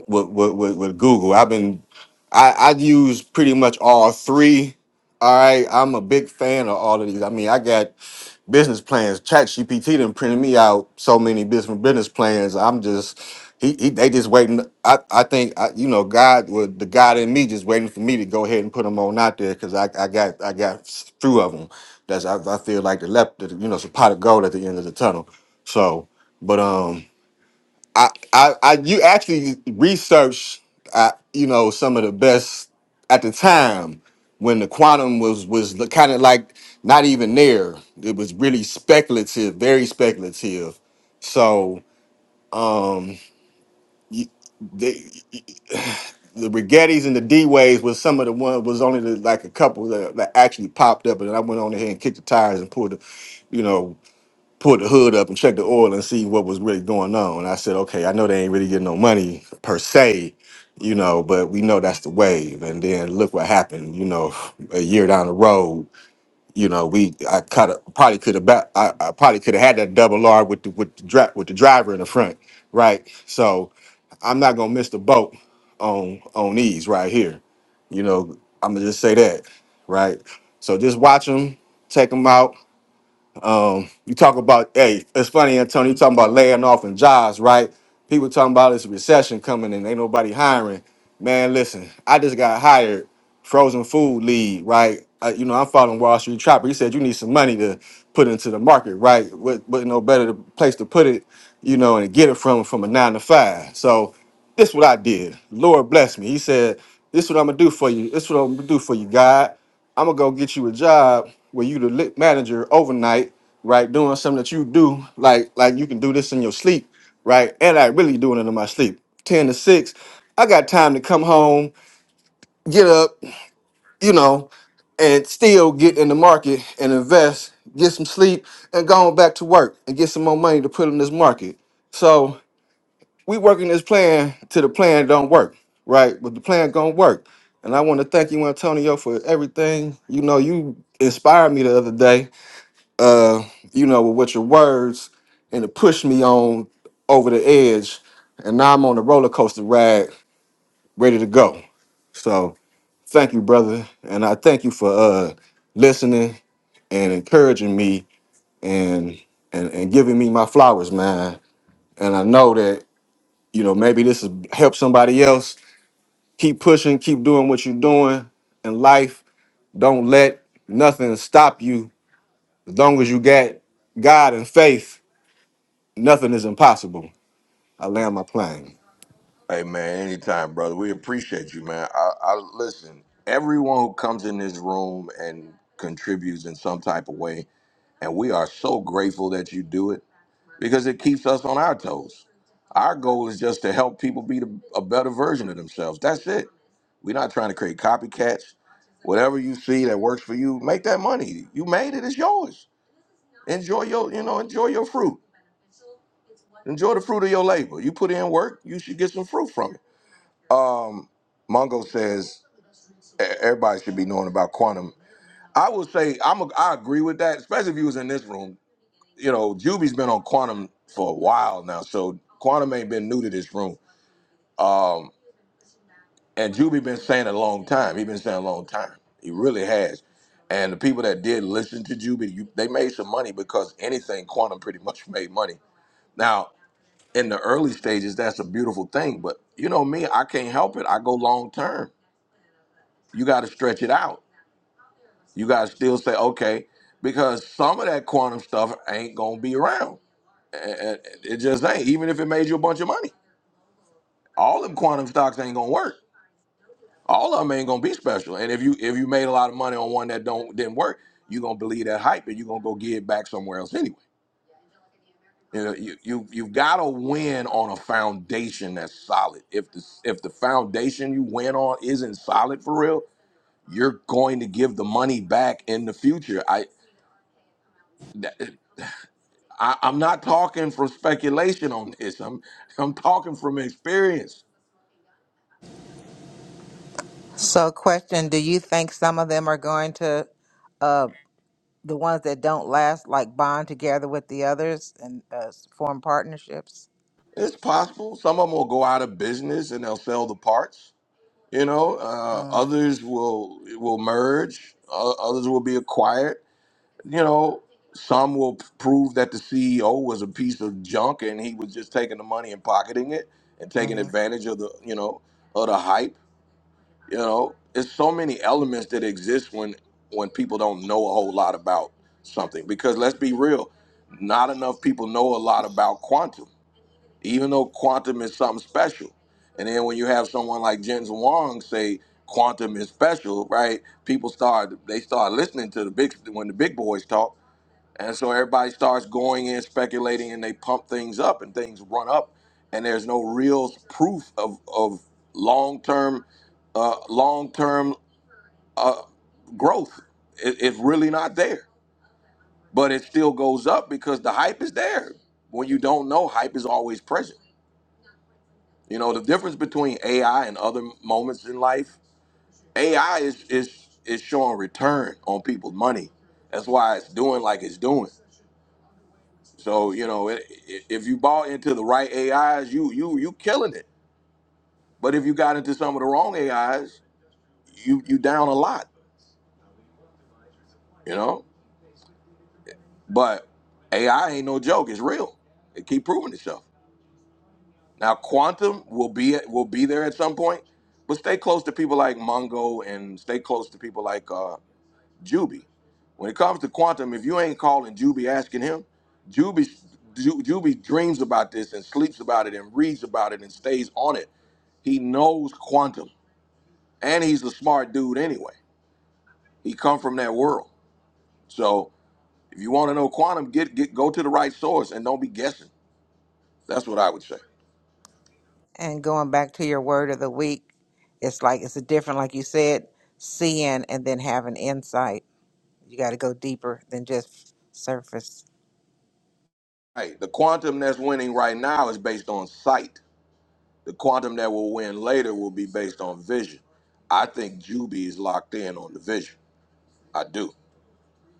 S4: with with, with, with Google. I've been I I use pretty much all three. All right, I'm a big fan of all of these. I mean, I got business plans. ChatGPT done printed me out so many business business plans. I'm just he, he they just waiting. I I think I, you know God with the God in me just waiting for me to go ahead and put them on out there because I I got I got few of them. That's I, I feel like the left you know it's a pot of gold at the end of the tunnel. So, but um. I, I, I, you actually researched, uh, you know, some of the best at the time when the quantum was was kind of like not even there. It was really speculative, very speculative. So, um, you, the the Rigettis and the D Waves was some of the one was only the, like a couple that, that actually popped up, and I went on ahead and kicked the tires and pulled the, you know put the hood up and check the oil and see what was really going on. And I said, okay, I know they ain't really getting no money per se, you know, but we know that's the wave. And then look what happened, you know, a year down the road, you know, we I kind of probably could have ba- I, I probably could have had that double R with the with the dri- with the driver in the front, right? So I'm not gonna miss the boat on on these right here, you know. I'm gonna just say that, right? So just watch them, take them out um, you talk about, hey, it's funny, Antonio, you talking about laying off and jobs, right? People talking about this recession coming and ain't nobody hiring. Man, listen, I just got hired, frozen food lead, right? Uh, you know, I'm following Wall Street Chopper. He said you need some money to put into the market, right? What, what no better place to put it, you know, and get it from from a nine to five. So this what I did. Lord bless me. He said, This what I'm gonna do for you. This what I'm gonna do for you, God. I'm gonna go get you a job where you the lit manager overnight, right? Doing something that you do, like like you can do this in your sleep, right? And I really doing it in my sleep. Ten to six, I got time to come home, get up, you know, and still get in the market and invest, get some sleep, and go on back to work and get some more money to put in this market. So we working this plan till the plan don't work, right? But the plan gonna work. And I want to thank you, Antonio, for everything. You know, you inspired me the other day. Uh, you know, with your words and it pushed me on over the edge. And now I'm on the roller coaster ride, ready to go. So thank you, brother. And I thank you for uh listening and encouraging me and and, and giving me my flowers, man. And I know that, you know, maybe this has helped somebody else Keep pushing, keep doing what you're doing in life. Don't let nothing stop you. As long as you got God and faith, nothing is impossible. I land my plane.
S1: Hey man, anytime, brother. We appreciate you, man. I, I listen. Everyone who comes in this room and contributes in some type of way, and we are so grateful that you do it because it keeps us on our toes. Our goal is just to help people be the, a better version of themselves. That's it. We're not trying to create copycats. Whatever you see that works for you, make that money. You made it. It's yours. Enjoy your, you know, enjoy your fruit. Enjoy the fruit of your labor. You put in work. You should get some fruit from it um Mungo says e- everybody should be knowing about quantum. I will say I'm a, I agree with that, especially if you was in this room. You know, Juby's been on quantum for a while now, so quantum ain't been new to this room. Um, and Juby been saying it a long time. He been saying it a long time. He really has. And the people that did listen to Juby, you, they made some money because anything quantum pretty much made money. Now, in the early stages, that's a beautiful thing, but you know me, I can't help it. I go long term. You got to stretch it out You guys still say okay because some of that quantum stuff ain't gonna be around. A- a- It just ain't. Even if it made you a bunch of money, all them quantum stocks ain't gonna work. All of them ain't gonna be special. And if you if you made a lot of money on one that don't didn't work, you gonna believe that hype and you are gonna go get it back somewhere else anyway. You know, you, you you've got to win on a foundation that's solid. If the if the foundation you win on isn't solid for real, you're going to give the money back in the future. I I, I'm not talking from speculation on this. I'm I'm talking from experience.
S3: So, question Do you think some of them are going to, uh, the ones that don't last, like bond together with the others and uh, form partnerships?
S1: It's possible some of them will go out of business and they'll sell the parts. You know, uh,
S3: Mm-hmm.
S1: others will will merge. Uh, others will be acquired. You know, some will p- prove that the CEO was a piece of junk and he was just taking the money and pocketing it and taking
S3: Mm-hmm.
S1: advantage of the you know of the hype You know, it's so many elements that exist when when people don't know a whole lot about something. Because let's be real, not enough people know a lot about quantum, even though quantum is something special. And then when you have someone like Jens Wang say quantum is special, right? People start they start listening to the big when the big boys talk. And so everybody starts going in speculating and they pump things up and things run up and there's no real proof of, of long-term uh, long-term uh, growth. It, it's really not there, but it still goes up because the hype is there. When you don't know, hype is always present. You know, the difference between AI and other moments in life, AI is is is showing return on people's money. That's why it's doing like it's doing. So you know, i- i- if you bought into the right AIs, you you you killing it. But if you got into some of the wrong AIs, you you down a lot. You know, but AI ain't no joke. It's real. It keep proving itself. Now quantum will be at, will be there at some point, but stay close to people like Mongo and stay close to people like uh, Juby. When it comes to quantum, if you ain't calling Juby asking him, Juby, Ju- Juby dreams about this and sleeps about it and reads about it and stays on it. He knows quantum, and he's a smart dude anyway. He come from that world. So if you want to know quantum, get get go to the right source and don't be guessing. That's what I would say.
S3: And going back to your word of the week, it's like it's a different, like you said, seeing and then having insight. You got to go deeper than just surface.
S1: Hey, the quantum that's winning right now is based on sight. The quantum that will win later will be based on vision. I think Juby is locked in on the vision. I do.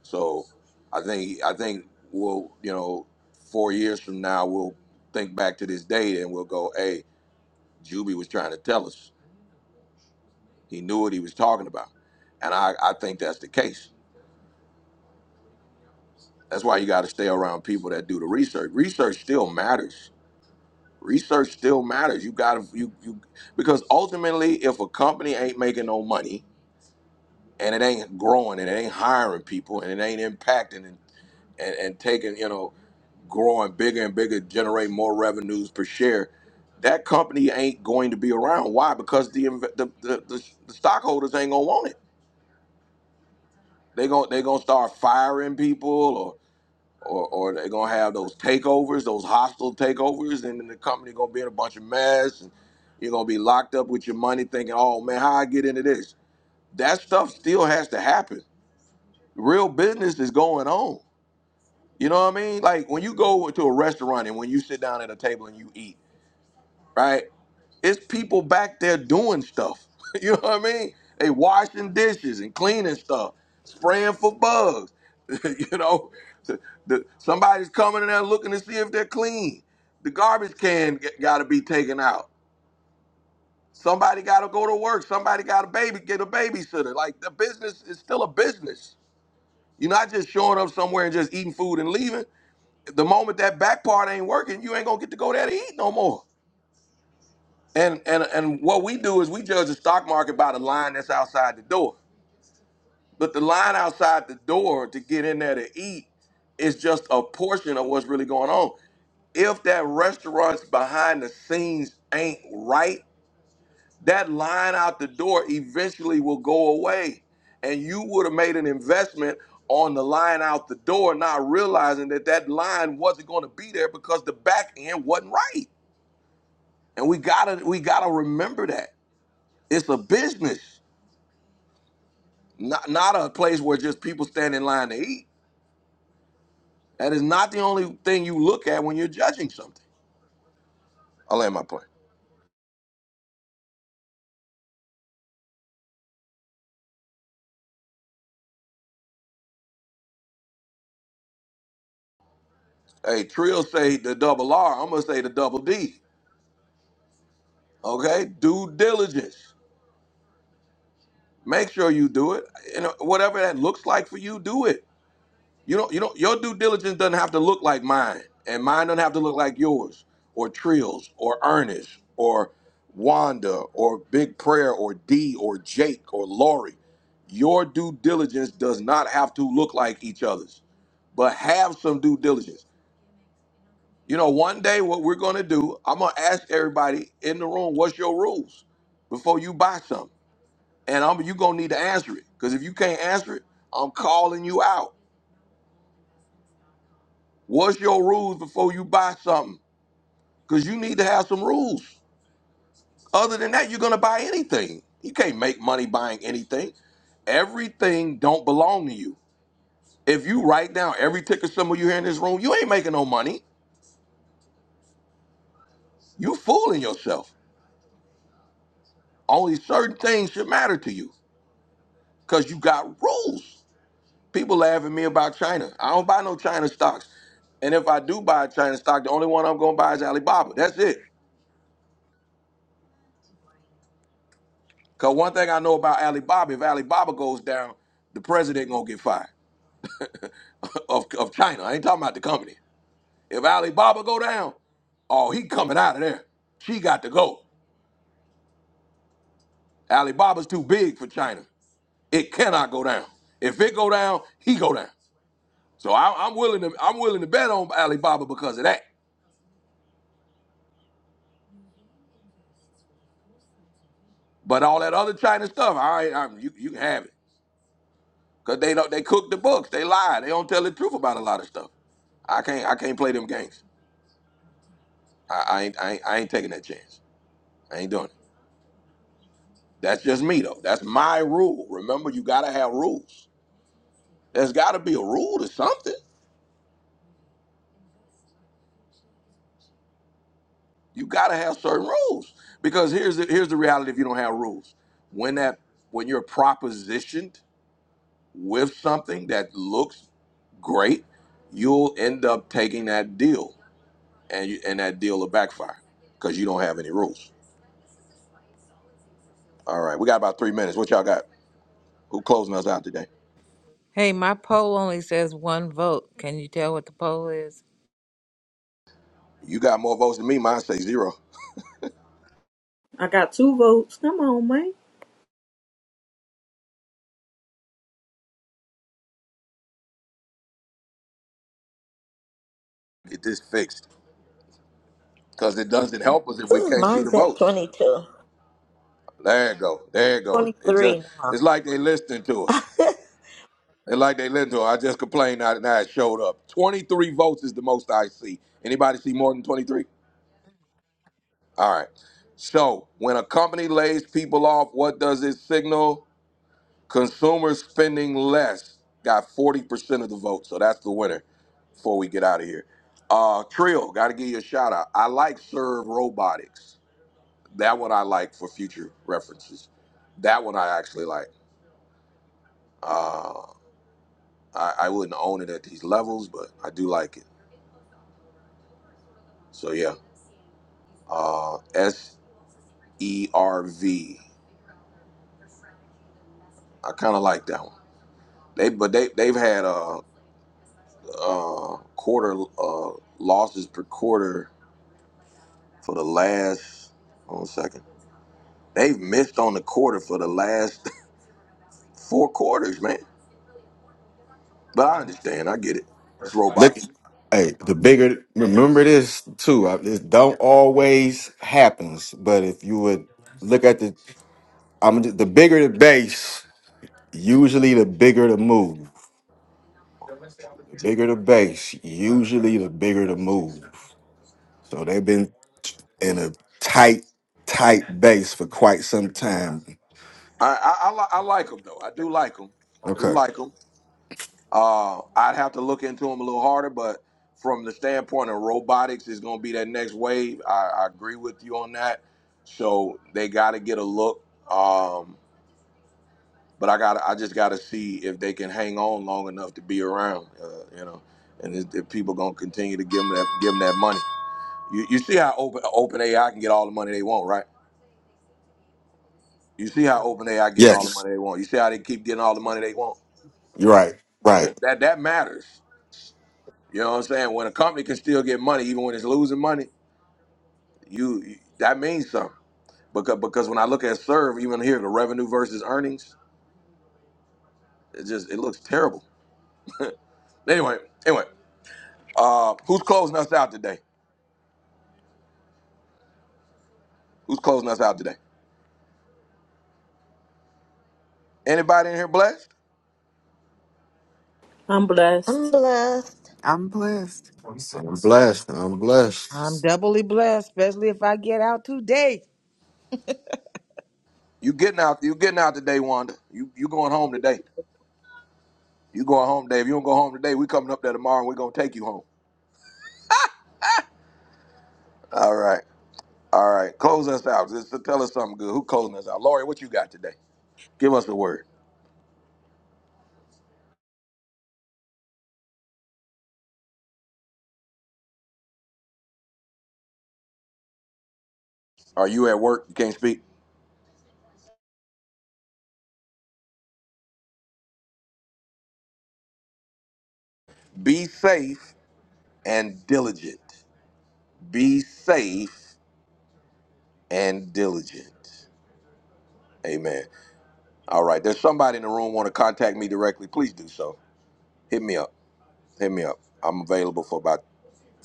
S1: So I think I think we'll you know four years from now we'll think back to this date and we'll go, hey, Juby was trying to tell us. He knew what he was talking about, and I I think that's the case. That's why you got to stay around people that do the research. Research still matters. Research still matters. You got to you you because ultimately, if a company ain't making no money and it ain't growing and it ain't hiring people and it ain't impacting and and, and taking you know growing bigger and bigger, generate more revenues per share. That company ain't going to be around. Why? Because the inv- the, the, the, the stockholders ain't gonna want it. They going to they gonna start firing people, or or or they gonna have those takeovers, those hostile takeovers, and then the company gonna be in a bunch of mess, and you're gonna be locked up with your money, thinking, oh man, how I get into this? That stuff still has to happen. Real business is going on. You know what I mean? Like when you go to a restaurant and when you sit down at a table and you eat, right? It's people back there doing stuff. you know what I mean? They washing dishes and cleaning stuff, spraying for bugs. you know, The- the- somebody's coming in there looking to see if they're clean. The garbage can got to be taken out. Somebody got to go to work. Somebody got a baby, get a babysitter. Like the business is still a business. You're not just showing up somewhere and just eating food and leaving. The moment that back part ain't working, you ain't gonna get to go there to eat no more. And and and what we do is we judge the stock market by the line that's outside the door. But the line outside the door to get in there to eat is just a portion of what's really going on. If that restaurant's behind the scenes ain't right, that line out the door eventually will go away. And you would have made an investment on the line out the door, not realizing that that line wasn't going to be there because the back end wasn't right. And we gotta we gotta remember that it's a business. not not a place where just people stand in line to eat. That is not the only thing you look at when you're judging something. I land my plane. Hey, Trill say the double R. I'm gonna say the double D. Okay, due diligence. Make sure you do it. You know, whatever that looks like for you, do it. You know, you know, your due diligence doesn't have to look like mine, and mine doesn't have to look like yours, or Trill's, or Ernest, or Wanda, or Big Prayer, or D, or Jake, or Lori. Your due diligence does not have to look like each other's, but have some due diligence. You know, one day what we're gonna do, I'm gonna ask everybody in the room, what's your rules before you buy something? And I'm you gonna need to answer it. Because if you can't answer it, I'm calling you out. What's your rules before you buy something? because you need to have some rules. Other than that, you're going to buy anything. You can't make money buying anything. Everything don't belong to you. If you write down every ticket symbol you hear in this room, you ain't making no money. You fooling yourself. Only certain things should matter to you because you got rules. People laugh at me about China. I don't buy no China stocks. And if I do buy a China stock, the only one I'm going to buy is Alibaba. That's it. Because one thing I know about Alibaba, if Alibaba goes down, the president going to get fired. of, of China. I ain't talking about the company. If Alibaba go down, oh, he coming out of there. She got to go. Alibaba's too big for China. It cannot go down. If it go down, he go down. So I, I'm willing to I'm willing to bet on Alibaba because of that. But all that other China stuff, all right, I, you you can have it because they don't they cook the books. They lie. They don't tell the truth about a lot of stuff. I can't I can't play them games. I, I ain't I ain't I ain't taking that chance. I ain't doing it. That's just me though. That's my rule. Remember, you gotta have rules. There's got to be a rule to something. You got to have certain rules because here's the, here's the reality: if you don't have rules, when that when you're propositioned with something that looks great, you'll end up taking that deal, and you, and that deal will backfire because you don't have any rules. All right, we got about three minutes. What y'all got? Who closing us out today?
S3: Hey, my poll only says one vote. Can you tell what the poll is?
S1: You got more votes than me. Mine say zero.
S2: I got two votes. Come on, man.
S1: Get this fixed because it doesn't help us if we
S5: Ooh,
S1: can't see the
S5: mine's at
S1: votes.
S5: 22.
S1: There you go. There you go. It just
S5: 23 now.
S1: it's like they listening to us. And like they listen to her, I just complained now now it showed up. 23 votes is the most I see. Anybody see more than 23? All right. So when a company lays people off, what does it signal? Consumers spending less got 40% of the vote. So that's the winner before we get out of here. Uh Trill, gotta give you a shout out. I like Serve Robotics. That one I like for future references. That one I actually like. Uh I, I wouldn't own it at these levels, but I do like it. So yeah. uh S E R V. I kind of like that one. They but they they've had uh uh quarter uh losses per quarter for the last Hold on a 2nd second. They've missed on the quarter for the last four quarters, man. But I understand. I get it. It's
S4: Look,
S1: robots.
S4: hey, the bigger, remember this too. I- It don't always happens, but if you would look at the, I'm the bigger the base, usually the bigger the move. The bigger the base, usually the bigger the move. So they've been in a tight, tight base for quite some time.
S1: I I, I, li- I like them though. I do like them. I do
S4: Okay.
S1: like them. Uh, I'd have to look into them a little harder, but from the standpoint of robotics, is going to be that next wave. I, I agree with you on that. So they got to get a look. Um, but I got, I just got to see if they can hang on long enough to be around, uh, you know, and if, if people going to continue to give them that, give them that money. You, you see how open open AI can get all the money they want, right? You see how open AI getting all the
S4: Yes,
S1: money they want. You see how they keep getting all the money they want.
S4: you're right. Right.
S1: That that, that matters. You know what I'm saying? When a company can still get money, even when it's losing money, you, you- that means something. Because because when I look at serve, even here the revenue versus earnings, it just it looks terrible. anyway, anyway, uh, who's closing us out today? Who's closing us out today? Anybody in here blessed?
S2: I'm blessed.
S5: I'm blessed.
S12: I'm blessed.
S4: I'm blessed. I'm blessed.
S3: I'm doubly blessed, especially if I get out today.
S1: You getting out? You getting out today, Wanda? You you going home today? You going home today? If you don't go home today, we coming up there tomorrow and we gonna take you home. All right, all right. Close us out. Just tell us something good. Who closing us out? Lori, what you got today? Give us a word. Are you at work? You can't speak. Be safe and diligent. Be safe and diligent. Amen. All right. There's somebody in the room want to contact me directly. Please do so. Hit me up. Hit me up. I'm available for about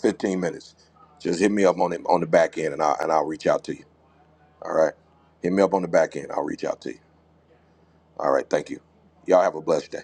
S1: 15 minutes. Just hit me up on the, on the back end and I'll, and I'll reach out to you. All right. Hit me up on the back end. I'll reach out to you. All right. Thank you. Y'all have a blessed day.